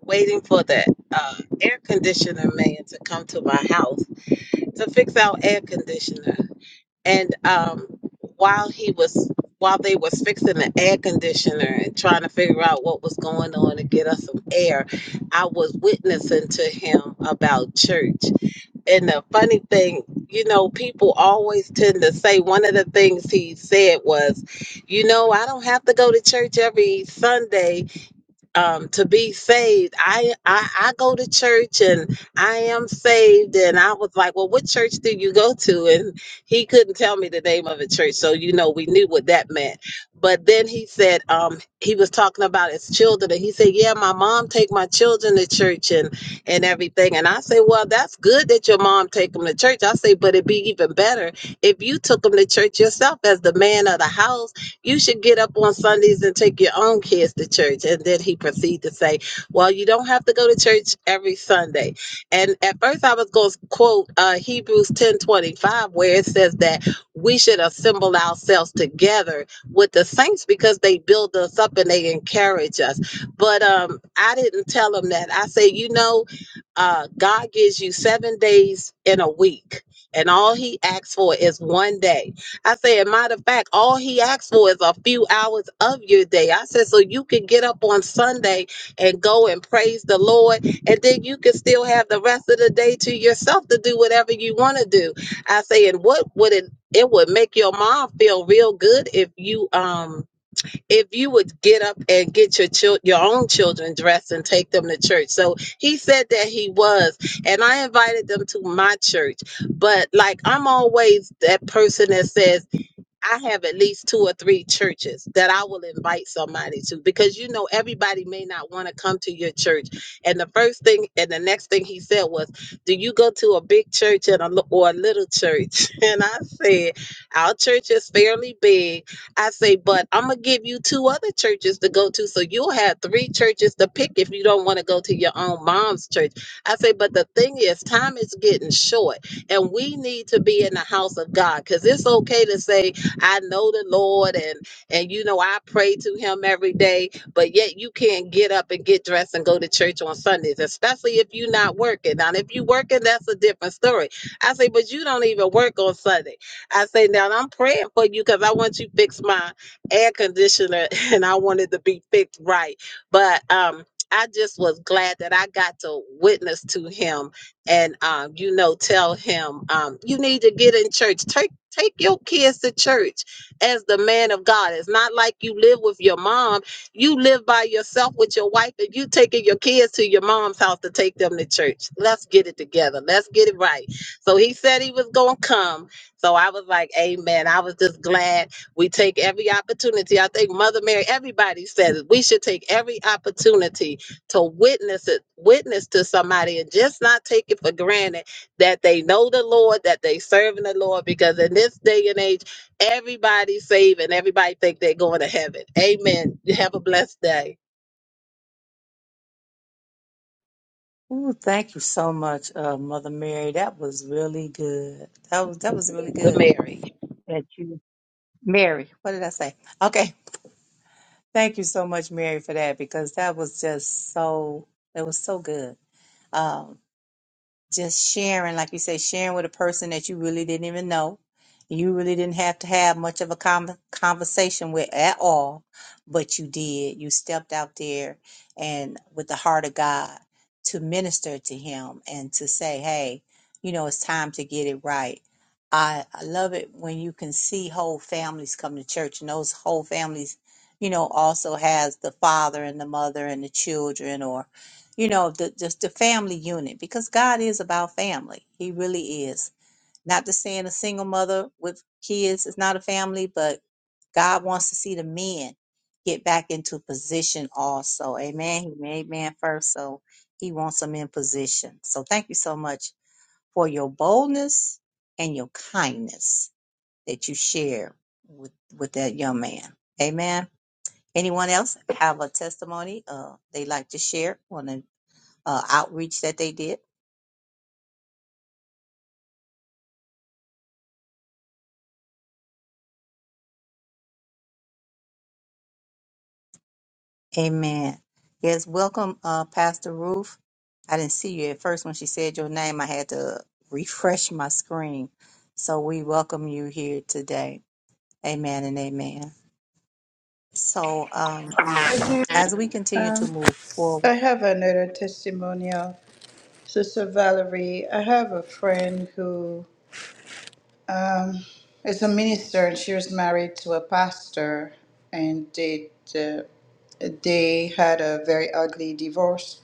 waiting for the uh, air conditioner man to come to my house to fix our air conditioner, and um, while he was while they was fixing the air conditioner and trying to figure out what was going on to get us some air, I was witnessing to him about church. And the funny thing, you know, people always tend to say one of the things he said was, you know, I don't have to go to church every Sunday um, to be saved. I, I I go to church and I am saved. And I was like, well, what church do you go to? And he couldn't tell me the name of a church, so you know we knew what that meant. But then he said um, he was talking about his children, and he said, yeah, my mom take my children to church and and everything. And I say, well, that's good that your mom take them to church. I say, but it'd be even better if you took them to church yourself as the man of the house you should get up on Sundays and take your own kids to church. And then he proceeded to say, Well, you don't have to go to church every Sunday. And at first I was going to quote uh, Hebrews ten twenty five, where it says that we should assemble ourselves together with the saints because they build us up and they encourage us. But um, I didn't tell him that. I say, You know, uh, God gives you seven days in a week, and all He asks for is one day. I said, matter of fact, all he asked for is a few hours of your day. I said, so you can get up on Sunday and go and praise the Lord, and then you can still have the rest of the day to yourself to do whatever you want to do. I say, and what would it? It would make your mom feel real good if you um if you would get up and get your chil- your own children dressed and take them to church. So he said that he was, and I invited them to my church but like I'm always that person that says I have at least two or three churches that I will invite somebody to because you know everybody may not want to come to your church. And the first thing and the next thing he said was, "Do you go to a big church and a, li- or a little church?" And I said, "Our church is fairly big." I say, "But I'm gonna give you two other churches to go to, so you'll have three churches to pick if you don't want to go to your own mom's church." I say, "But the thing is, time is getting short, and we need to be in the house of God because it's okay to say." I know the Lord and and you know I pray to him every day, but yet you can't get up and get dressed and go to church on Sundays, especially if you're not working. Now, if you working, that's a different story. I say, but you don't even work on Sunday. I say, now I'm praying for you because I want you to fix my air conditioner and I want it to be fixed right. But um I just was glad that I got to witness to him and um, you know, tell him um, you need to get in church. Church Take your kids to church as the man of God. It's not like you live with your mom. You live by yourself with your wife and you taking your kids to your mom's house to take them to church. Let's get it together. Let's get it right. So he said he was going to come. So I was like, amen. I was just glad we take every opportunity. I think Mother Mary, everybody said it. We should take every opportunity to witness it, witness to somebody and just not take it for granted that they know the Lord, that they serving the Lord, because in this day and age, everybody's saving, everybody think they're going to heaven. Amen. You Have a blessed day.
Ooh, thank you so much, uh, Mother Mary. That was really good. That was that was really
The
good.
Mary.
That you, Mary. What did I say? Okay, thank you so much, Mary, for that because that was just so. It was so good. Um, just sharing, like you say, sharing with a person that you really didn't even know. You really didn't have to have much of a con- conversation with at all, but you did. You stepped out there and with the heart of God to minister to him and to say, hey, you know, it's time to get it right. I, I love it when you can see whole families come to church and those whole families, you know, also has the father and the mother and the children you know the just the family unit because god is about family he really is not to saying a single mother with kids is not a family but god wants to see the men get back into position also amen he made man first so he wants them in position so thank you so much for your boldness and your kindness that you share with with that young man amen anyone else have a testimony uh they like to share want to uh, outreach that they did. Amen. Yes, welcome, uh, Pastor Ruth. I didn't see you at first when she said your name. I had to refresh my screen. So we welcome you here today. Amen and amen. So um, as we continue to
Um,
move forward,
I have another testimonial. Sister Valerie, I have a friend who um, is a minister and she was married to a pastor and they, uh, they had a very ugly divorce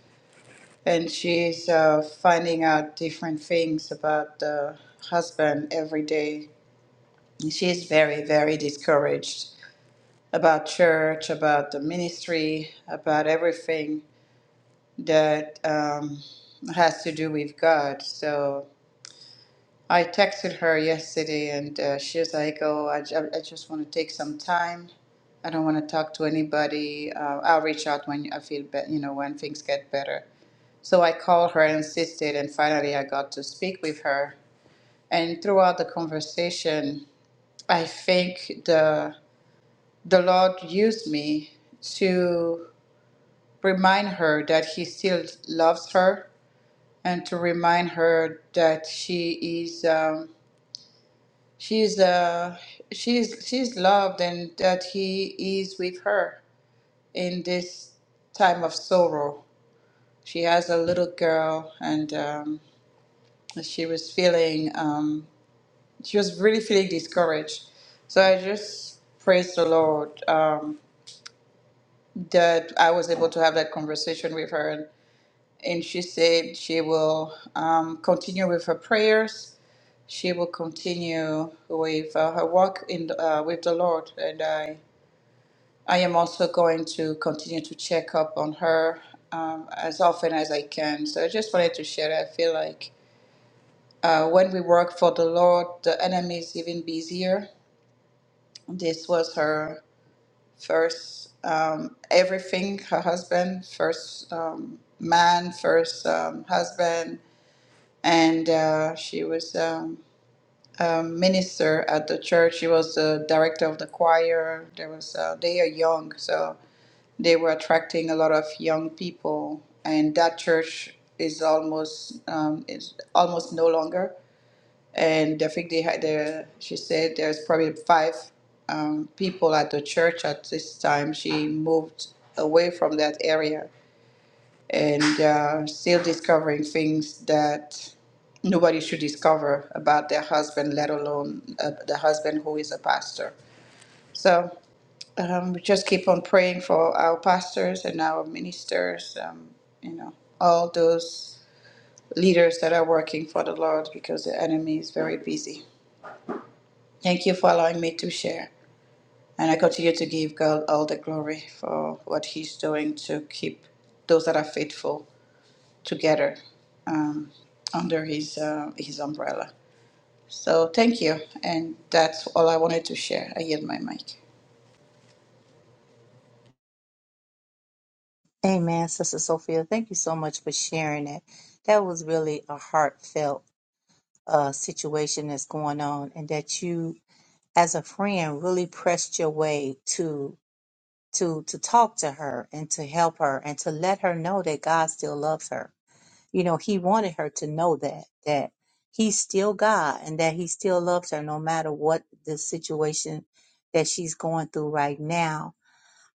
and she's uh, finding out different things about the husband every day. And She's very, very discouraged about church, about the ministry, about everything that um, has to do with God. So I texted her yesterday, and uh, she was like, "Oh, I, ju- I just want to take some time. I don't want to talk to anybody. Uh, I'll reach out when I feel better, you know, when things get better." So I called her and insisted, and finally I got to speak with her. And throughout the conversation, I think the the Lord used me to remind her that He still loves her and to remind her that she is um, she's uh, she's she's loved and that he is with her in this time of sorrow. She has a little girl, and um, she was feeling um, she was really feeling discouraged. So I just praise the Lord um, that I was able to have that conversation with her and she said she will um, continue with her prayers. She will continue with uh, her work in the, uh, with the Lord, and I I am also going to continue to check up on her um, as often as I can. So I just wanted to share. that. I feel like uh, when we work for the Lord, the enemy is even busier. This was her first um, everything. Her husband, first um, man, first um, husband and uh, she was um, a minister at the church. She was the director of the choir. There was uh, they are young, so they were attracting a lot of young people, and that church is almost um, is almost no longer. And I think they had the. She said there's probably five um, people at the church at this time. She moved away from that area and uh, still discovering things that nobody should discover about their husband, let alone uh, the husband who is a pastor. So um, we just keep on praying for our pastors and our ministers, um, you know, all those leaders that are working for the Lord because the enemy is very busy. Thank you for allowing me to share. And I continue to give God all the glory for what He's doing to keep those that are faithful together um, under his uh, his umbrella. So thank you, and that's all I wanted to share. I yield my mic.
amen, Sister Sophia, thank you so much for sharing that. That was really a heartfelt uh, situation that's going on, and that you, as a friend, really pressed your way to to to talk to her and to help her and to let her know that God still loves her. You know, he wanted her to know that that he's still God and that he still loves her no matter what the situation that she's going through right now.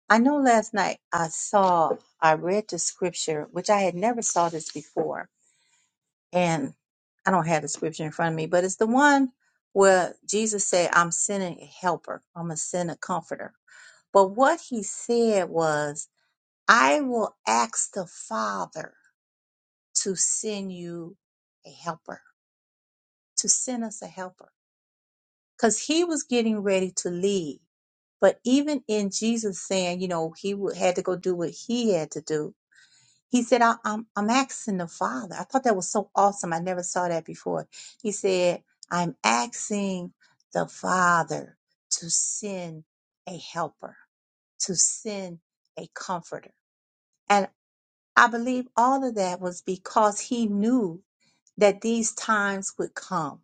I know last night I saw I read the scripture which I had never saw this before and I don't have the scripture in front of me, but it's the one where Jesus said, I'm sending a helper. I'm going to send a comforter. But what he said was I will ask the Father to send you a helper, to send us a helper. Because he was getting ready to leave. But even in Jesus saying, you know, he would, had to go do what he had to do, he said, I, I'm, I'm asking the Father. I thought that was so awesome. I never saw that before. He said, I'm asking the Father to send a helper, to send a comforter. and. I believe all of that was because he knew that these times would come.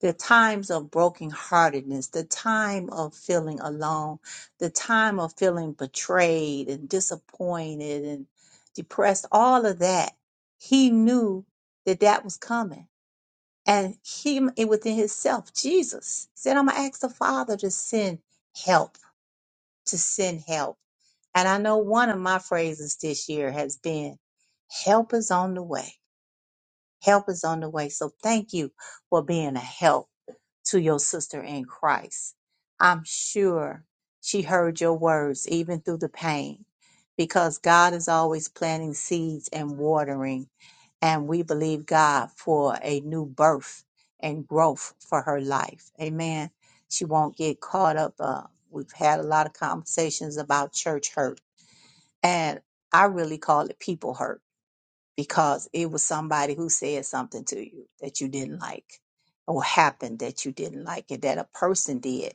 The times of brokenheartedness, the time of feeling alone, the time of feeling betrayed and disappointed and depressed, all of that. He knew that that was coming. And he, within himself, Jesus said, I'm going to ask the Father to send help, to send help. And I know one of my phrases this year has been, help is on the way. Help is on the way. So thank you for being a help to your sister in Christ. I'm sure she heard your words even through the pain because God is always planting seeds and watering. And we believe God for a new birth and growth for her life. Amen. She won't get caught up. Uh, we've had a lot of conversations about church hurt and I really call it people hurt because it was somebody who said something to you that you didn't like or happened that you didn't like it that a person did.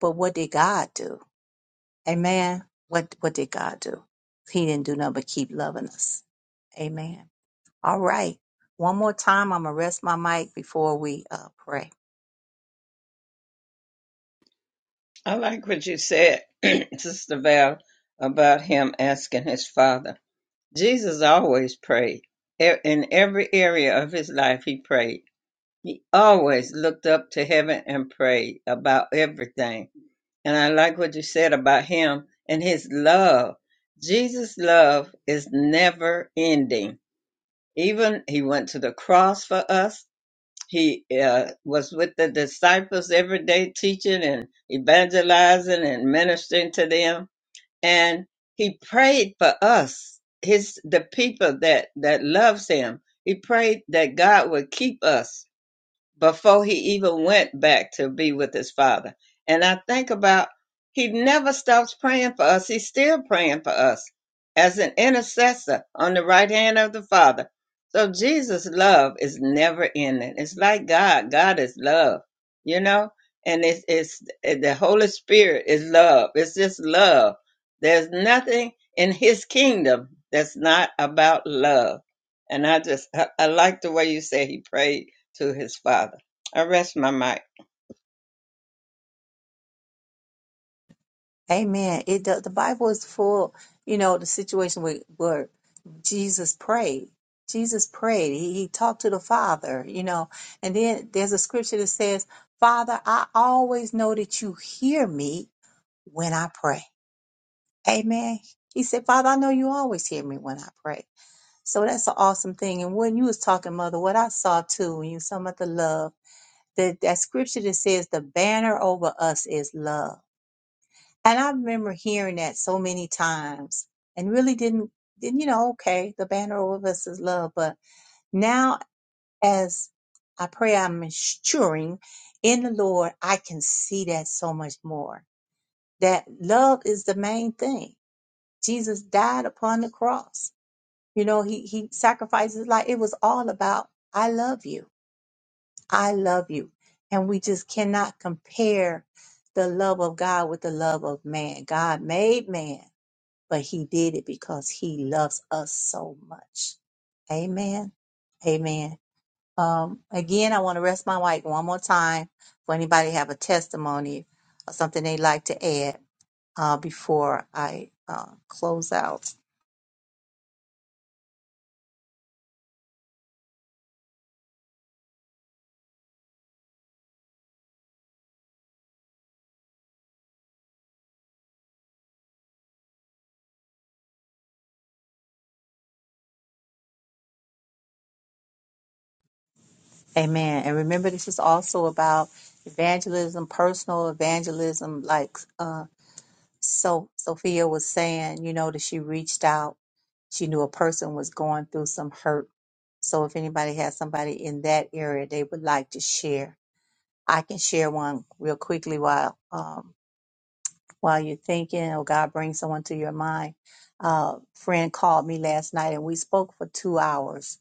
But what did God do? Amen. What what did God do? He didn't do nothing but keep loving us. Amen. All right. One more time, I'm gonna rest my mic before we uh, pray.
I like what you said, Sister Val, about him asking his father. Jesus always prayed. E- In every area of his life, he prayed. He always looked up to heaven and prayed about everything And I like what you said about him and his love. Jesus' love is never ending. Even he went to the cross for us. He uh, was with the disciples every day, teaching and evangelizing and ministering to them. And he prayed for us, his the people that that loves him. He prayed that God would keep us before he even went back to be with his father. And I think about he never stops praying for us. He's still praying for us as an intercessor on the right hand of the Father. So Jesus' love is never ending. It's like God. God is love, you know? And it's, it's the Holy Spirit is love. It's just love. There's nothing in his kingdom that's not about love. And I just, I, I like the way you say he prayed to his father. I rest my mic.
Amen. It does, the Bible is full, you know, the situation where, where Jesus prayed. Jesus prayed. He, he talked to the Father, you know. And then there's a scripture that says, Father, I always know that you hear me when I pray. Amen. He said, Father, I know you always hear me when I pray. So that's an awesome thing. And when you was talking, Mother, what I saw too, when you was talking about the love, that, that scripture that says the banner over us is love and I remember hearing that so many times and really didn't, didn't you know, okay, the banner over us is love. But now, as I pray I'm maturing in the Lord, I can see that so much more. That love is the main thing. Jesus died upon the cross. You know, he, he sacrificed his life. It was all about, I love you. I love you. And we just cannot compare the love of God with the love of man. God made man but he did it because he loves us so much. Amen. Amen. Um, again, I want to rest my mic one more time for anybody have a testimony or something they'd like to add uh, before I uh, close out. Amen. And remember, this is also about evangelism, personal evangelism, like uh, so Sophia was saying, you know, that she reached out she knew a person was going through some hurt. So if anybody has somebody in that area they would like to share, I can share one real quickly while um, while you're thinking or God brings someone to your mind. Uh, friend called me last night and we spoke for two hours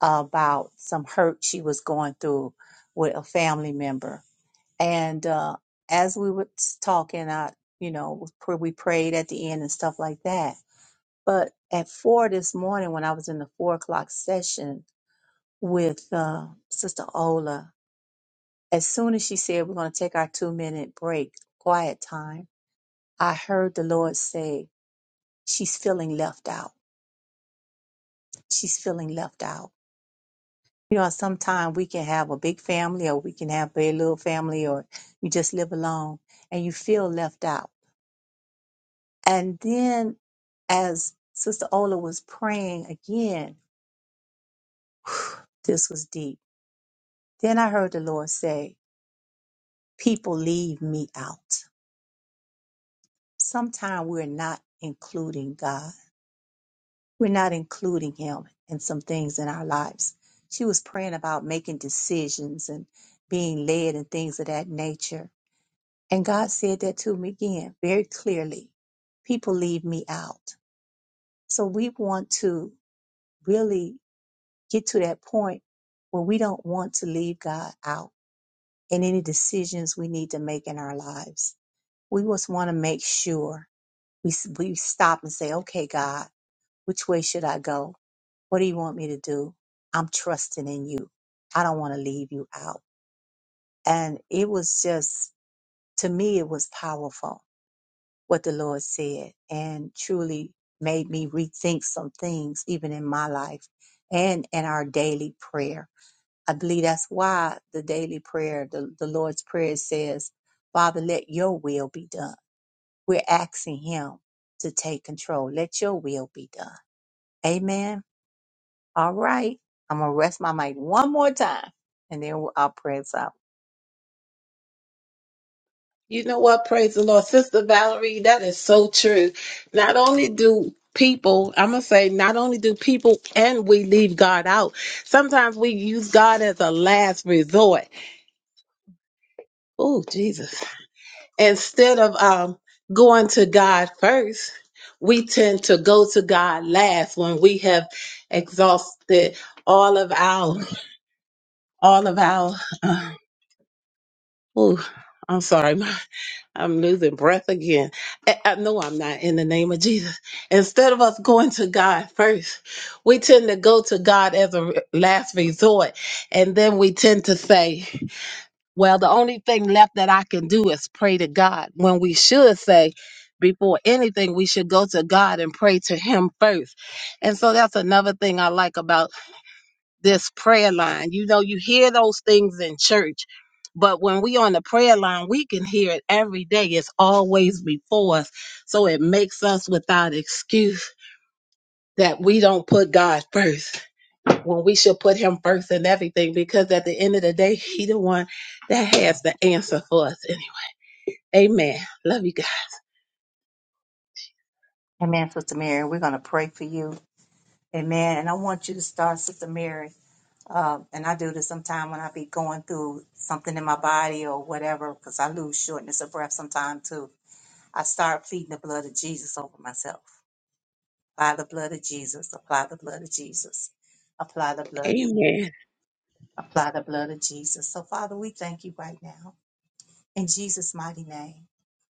about some hurt she was going through with a family member. And uh, as we were talking, I you know we prayed at the end and stuff like that but at four this morning, when I was in the four o'clock session with uh, Sister Ola, as soon as she said, We're going to take our two minute break, quiet time, I heard the Lord say, She's feeling left out. She's feeling left out. You know, sometimes we can have a big family or we can have a little family or you just live alone and you feel left out. And then as Sister Ola was praying again, this was deep. Then I heard the Lord say, people leave me out. Sometimes we're not including God. We're not including Him in some things in our lives. She was praying about making decisions and being led and things of that nature. And God said that to me again very clearly. People leave me out. So we want to really get to that point where we don't want to leave God out in any decisions we need to make in our lives. We just want to make sure We, s- we stop and say, okay, God, which way should I go? What do you want me to do? I'm trusting in you. I don't want to leave you out. And it was just, to me, it was powerful what the Lord said and truly made me rethink some things, even in my life and in our daily prayer. I believe that's why the daily prayer, the, the Lord's prayer says, Father, let your will be done we're asking him to take control. Let your will be done. Amen. All right. I'm going to rest my mic one more time and then we'll- I'll pray us out.
You know what? Praise the Lord. Sister Valerie, that is so true. Not only do people, I'm going to say, not only do people and we leave God out, sometimes we use God as a last resort. Oh, Jesus. instead of um, going to God first, we tend to go to God last when we have exhausted all of our, all of our. Uh, ooh, I'm sorry, my- I'm losing breath again. I, I know I'm not in the name of Jesus. Instead of us going to God first, we tend to go to God as a re- last resort, and then we tend to say. Well, the only thing left that I can do is pray to God. When we should say, before anything, we should go to God and pray to Him first. And so that's another thing I like about this prayer line. You know, you hear those things in church, but when we on the prayer line, we can hear it every day. It's always before us. So it makes us without excuse that we don't put God first when we should put Him first in everything because at the end of the day, He the one that has the answer for us Amen. Love you guys.
Amen, Sister Mary. We're going to pray for you. Amen. And I want you to start, Sister Mary. Uh, and I do this sometime when I be going through something in my body or whatever, because I lose shortness of breath sometime too. I start pleading the blood of Jesus over myself. Apply the blood of Jesus. Apply the blood of Jesus. Apply the blood of
Amen.
Jesus. apply the blood of Jesus. So, Father, we thank you right now in Jesus' mighty name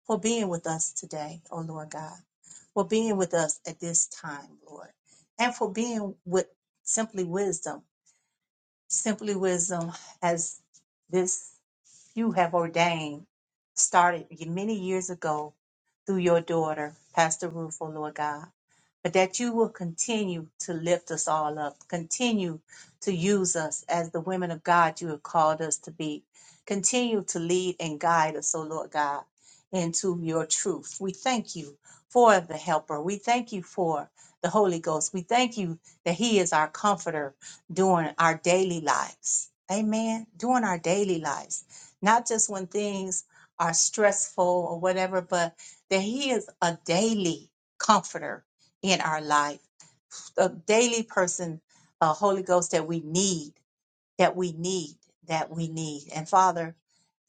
for being with us today, oh Lord God, for being with us at this time, Lord, and for being with simply wisdom. Simply wisdom as this you have ordained started many years ago through your daughter, Pastor Ruth, oh Lord God. But that you will continue to lift us all up, continue to use us as the women of God you have called us to be. Continue to lead and guide us, oh Lord God, into your truth. We thank you for the helper. We thank you for the Holy Ghost. We thank you that He is our comforter during our daily lives. Amen. During our daily lives not just when things are stressful or whatever, but that He is a daily comforter in our life, a daily person, a Holy Ghost that we need, that we need, that we need. And Father,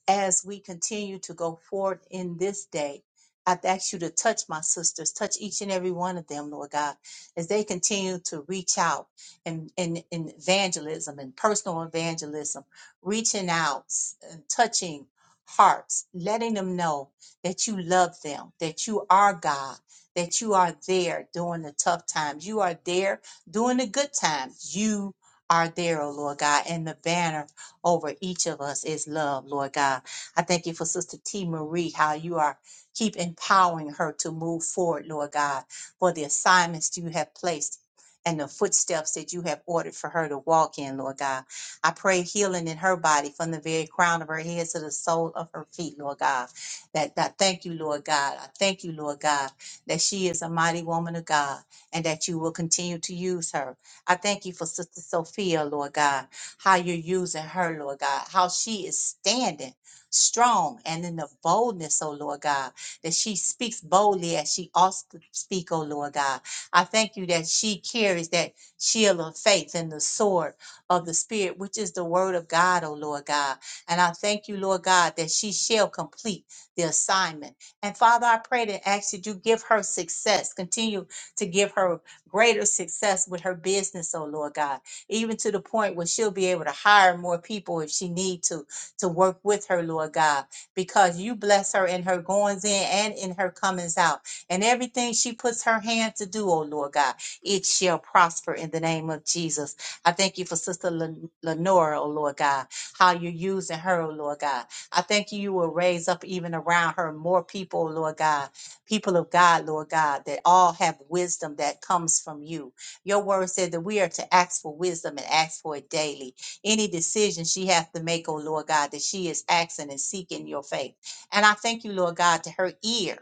as we continue to go forward in this day. I've asked you to touch my sisters, touch each and every one of them, Lord God, as they continue to reach out and in, in in evangelism and personal evangelism, reaching out and touching hearts, letting them know that you love them, that you are God, that you are there during the tough times. You are there during the good times. You are there, oh Lord God, and the banner over each of us is love, Lord God. I thank you for Sister T. Marie, how you are keep empowering her to move forward, Lord God, for the assignments you have placed and the footsteps that you have ordered for her to walk in, Lord God. I pray healing in her body from the very crown of her head to the sole of her feet, Lord God. That I thank you, Lord God. I thank you, Lord God, that she is a mighty woman of God and that you will continue to use her. I thank you for Sister Sophia, Lord God how you're using her, Lord God, how she is standing strong and in the boldness, oh Lord God, that she speaks boldly as she ought to speak, oh Lord God. I thank you that she carries that shield of faith and the sword of the Spirit, which is the word of God, oh Lord God. And I thank you, Lord God, that she shall complete the assignment. And Father, I pray and ask that you give her success, continue to give her greater success with her business, oh Lord God even to the point where she'll be able to hire more people if she need to to work with her, Lord God, because you bless her in her goings in and in her comings out. And everything she puts her hand to do, oh Lord God, it shall prosper in the name of Jesus. I thank you for Sister Len- Lenora, oh Lord God, how you're using her, oh Lord God. I thank you, you will raise up even around her more people, oh Lord God, people of God, Lord God, that all have wisdom that comes from you. Your word said that we are to ask for wisdom and ask for it daily. Any decision she has to make, oh Lord God, that she is asking and seeking your faith. And I thank you, Lord God, to her ear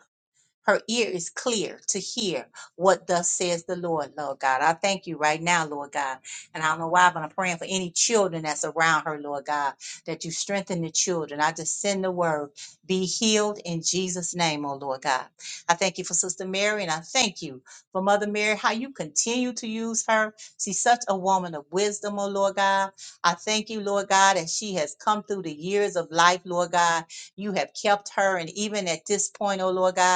her ear is clear to hear what thus says the Lord, Lord God. I thank you right now, Lord God. And I don't know why, but I'm praying for any children that's around her, Lord God, that you strengthen the children. I just send the word, be healed in Jesus' name, oh Lord God. I thank you for Sister Mary, and I thank you for Mother Mary, how you continue to use her. She's such a woman of wisdom, oh Lord God. I thank you, Lord God, as she has come through the years of life, Lord God. You have kept her, and even at this point, oh Lord God.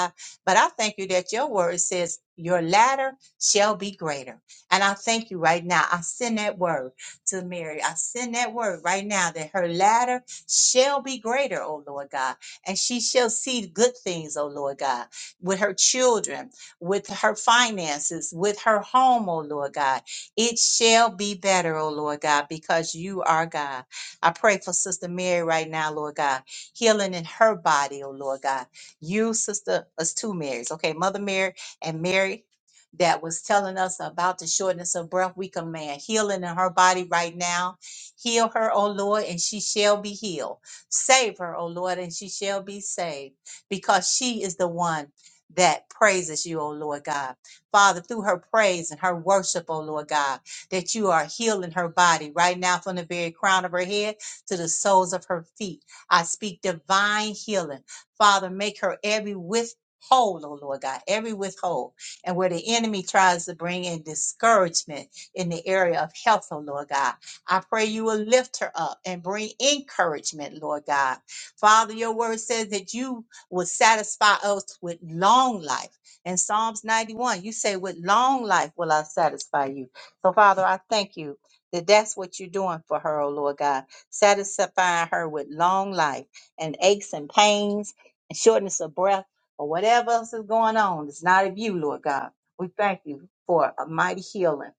But I thank you that your word says your latter shall be greater. And I thank you right now. I send that word to Mary. I send that word right now that her latter shall be greater, oh Lord God. And she shall see good things, oh Lord God, with her children, with her finances, with her home, oh Lord God. It shall be better, oh Lord God, because you are God. I pray for Sister Mary right now, Lord God, healing in her body, oh Lord God you, sister, us two Marys, okay, Mother Mary and Mary that was telling us about the shortness of breath. We command healing in her body right now. Heal her, O Lord, and she shall be healed. Save her, O Lord, and she shall be saved because she is the one that praises you, O Lord God. Father, through her praise and her worship, O Lord God, that you are healing her body right now from the very crown of her head to the soles of her feet. I speak divine healing Father, make her every withhold, oh Lord God, every withhold. And where the enemy tries to bring in discouragement in the area of health, oh Lord God, I pray you will lift her up and bring encouragement, Lord God. Father, your word says that you will satisfy us with long life. In Psalms 91, you say, with long life will I satisfy you. So, Father, I thank you that that's what you're doing for her, oh Lord God, satisfying her with long life and aches and pains and shortness of breath or whatever else is going on. It's not of you, Lord God. We thank you for a mighty healing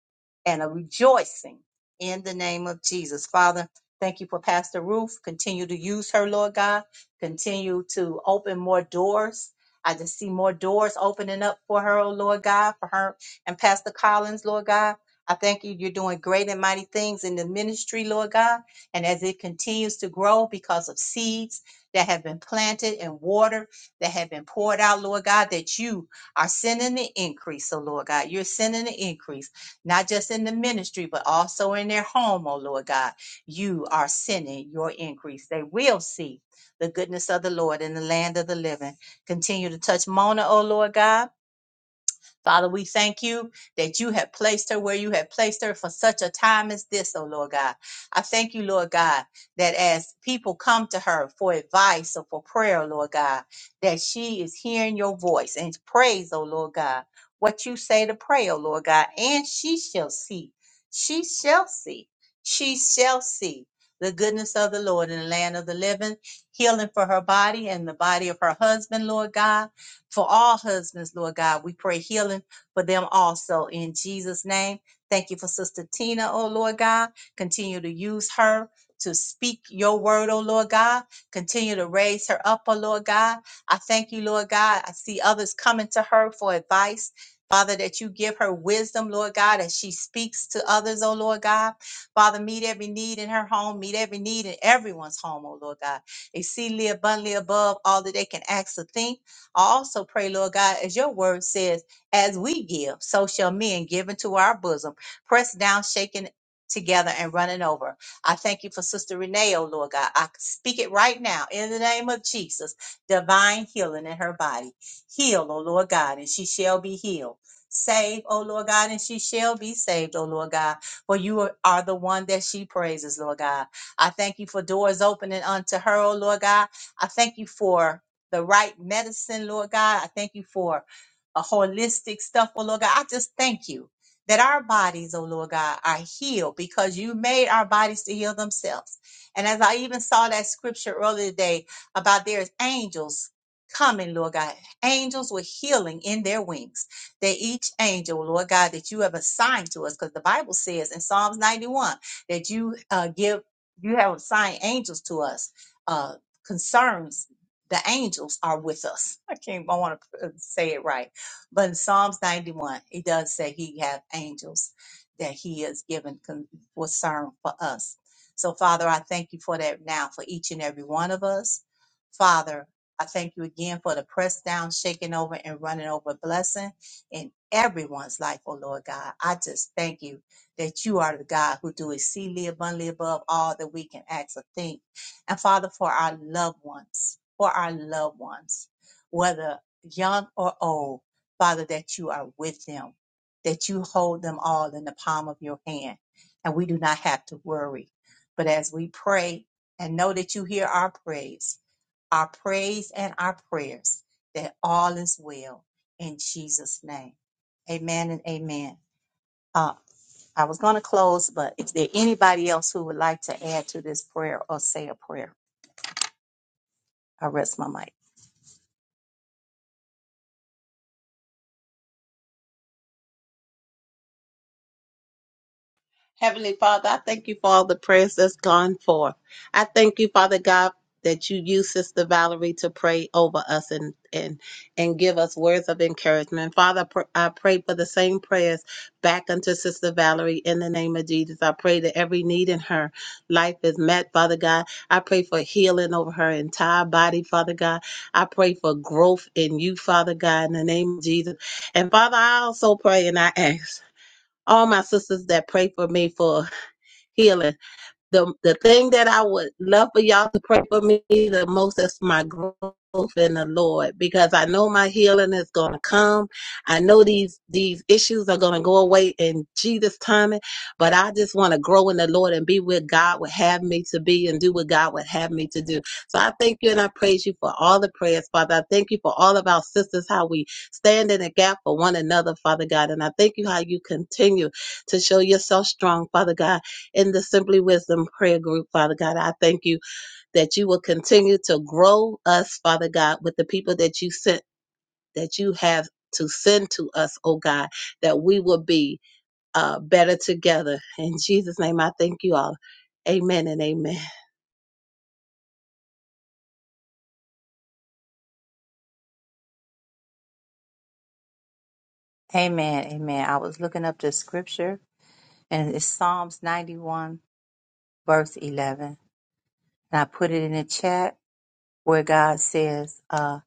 and a rejoicing in the name of Jesus. Father, thank you for Pastor Ruth. Continue to use her, Lord God. Continue to open more doors. I just see more doors opening up for her, oh Lord God, for her and Pastor Collins, Lord God. I thank you. You're doing great and mighty things in the ministry, Lord God. And as it continues to grow because of seeds, that have been planted and watered, that have been poured out, Lord God, that you are sending the increase. So, Lord God, you're sending the increase, not just in the ministry, but also in their home, oh Lord God. You are sending your increase. They will see the goodness of the Lord in the land of the living. Continue to touch Mona, oh Lord God. Father, we thank you that you have placed her where you have placed her for such a time as this, oh Lord God. I thank you, Lord God, that as people come to her for advice or for prayer, Lord God, that she is hearing your voice and praise, oh Lord God, what you say to pray, oh Lord God, and she shall see. She shall see. She shall see the goodness of the Lord in the land of the living, healing for her body and the body of her husband, Lord God for all husbands, Lord God, we pray healing for them also in Jesus' name. Thank you for Sister Tina, oh Lord God. Continue to use her to speak your word, oh Lord God. Continue to raise her up, oh Lord God. I thank you, Lord God. I see others coming to her for advice. Father, that you give her wisdom, Lord God, as she speaks to others, oh Lord God. Father, meet every need in her home, meet every need in everyone's home, oh Lord God. Exceedingly abundantly above all that they can ask or think I also pray, Lord God, as your word says, as we give, so shall men give into our bosom, pressed down, shaken together, and running over. I thank you for Sister Renee, oh Lord God. I speak it right now in the name of Jesus, divine healing in her body. Heal, oh Lord God, and she shall be healed. Save, oh Lord God, and she shall be saved, oh Lord God, for you are are the one that she praises, Lord God. I thank you for doors opening unto her, oh Lord God. I thank you for the right medicine, Lord God. I thank you for a holistic stuff, oh Lord God. I just thank you that our bodies, oh Lord God, are healed because you made our bodies to heal themselves. And as I even saw that scripture earlier today about there's angels coming, Lord God, angels with healing in their wings. That each angel, Lord God, that you have assigned to us, because the Bible says in Psalms 91 that you uh, give, you have assigned angels to us. Uh, concerns the angels are with us. I can't, I want to say it right. But in Psalms 91, it does say he have angels that he has given con- concern for us. So Father, I thank you for that now for each and every one of us. Father, I thank you again for the press down, shaking over and running over blessing in everyone's life, oh Lord God. I just thank you that you are the God who do exceedingly abundantly above all that we can ask or think and Father, for our loved ones, for our loved ones, whether young or old, Father, that you are with them, that you hold them all in the palm of your hand, and we do not have to worry. But as we pray and know that you hear our praise, our praise and our prayers, that all is well in Jesus' name. Amen and amen. Uh, I was going to close, but is there anybody else who would like to add to this prayer or say a prayer? I rest my mic.
Heavenly Father, I thank you for all the prayers that's gone forth. I thank you, Father God, that you use Sister Valerie to pray over us and and and give us words of encouragement. Father, pr- I pray for the same prayers back unto Sister Valerie in the name of Jesus. I pray that every need in her life is met, Father God. I pray for healing over her entire body, Father God. I pray for growth in you, Father God, in the name of Jesus. And Father, I also pray and I ask all my sisters that pray for me for healing. The the thing that I would love for y'all to pray for me the most is my growth in the Lord because I know my healing is gonna come. I know these these issues are gonna go away in Jesus' timing, but I just want to grow in the Lord and be where God would have me to be and do what God would have me to do. So I thank you and I praise you for all the prayers, Father. I thank you for all of our sisters, how we stand in the gap for one another, Father God. And I thank you how you continue to show yourself strong, Father God in the Simply Wisdom prayer group, Father God. I thank you that you will continue to grow us, Father God, with the people that you sent, that you have to send to us, oh God, that we will be uh, better together. In Jesus' name, I thank you all. Amen and amen.
Amen. Amen. I was looking up the scripture and it's Psalms 91, verse 11. And I put it in the chat where God says, uh,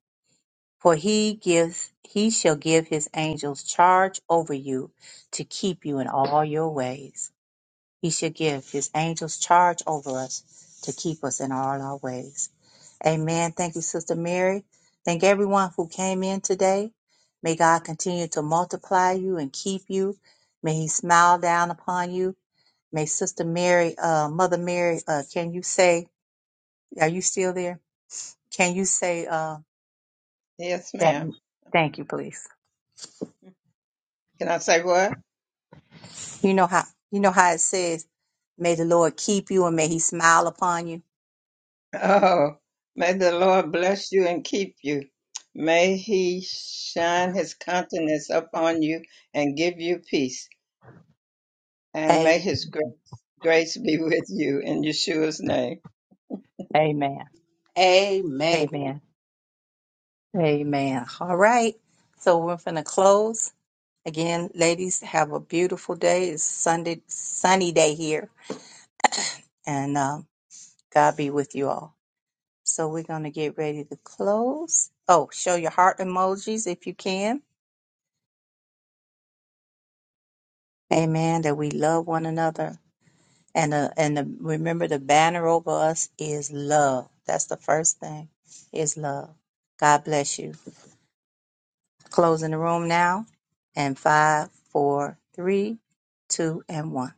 For he gives, he shall give his angels charge over you to keep you in all your ways. He shall give his angels charge over us to keep us in all our ways. Amen. Thank you, Sister Mary. Thank everyone who came in today. May God continue to multiply you and keep you. May He smile down upon you. May Sister Mary, uh, Mother Mary, uh, can you say, are you still there? Can you say uh,
Yes,
that?
ma'am.
Thank you, please.
Can I say what?
You know how you know how it says, "May the Lord keep you and may He smile upon you."
Oh, may the Lord bless you and keep you. May he shine his countenance upon you and give you peace. And may
A-
his grace, grace be with you in Yeshua's name.
Amen.
Amen.
Amen. Amen. All right. So we're going to close. Again, ladies, have a beautiful day. It's Sunday, sunny day here, and um, God be with you all. So we're gonna get ready to close. Oh, show your heart emojis if you can. Amen. That we love one another, and uh, and the, remember the banner over us is love. That's the first thing, is love. God bless you. Closing the room now, and five, four, three, two, and one.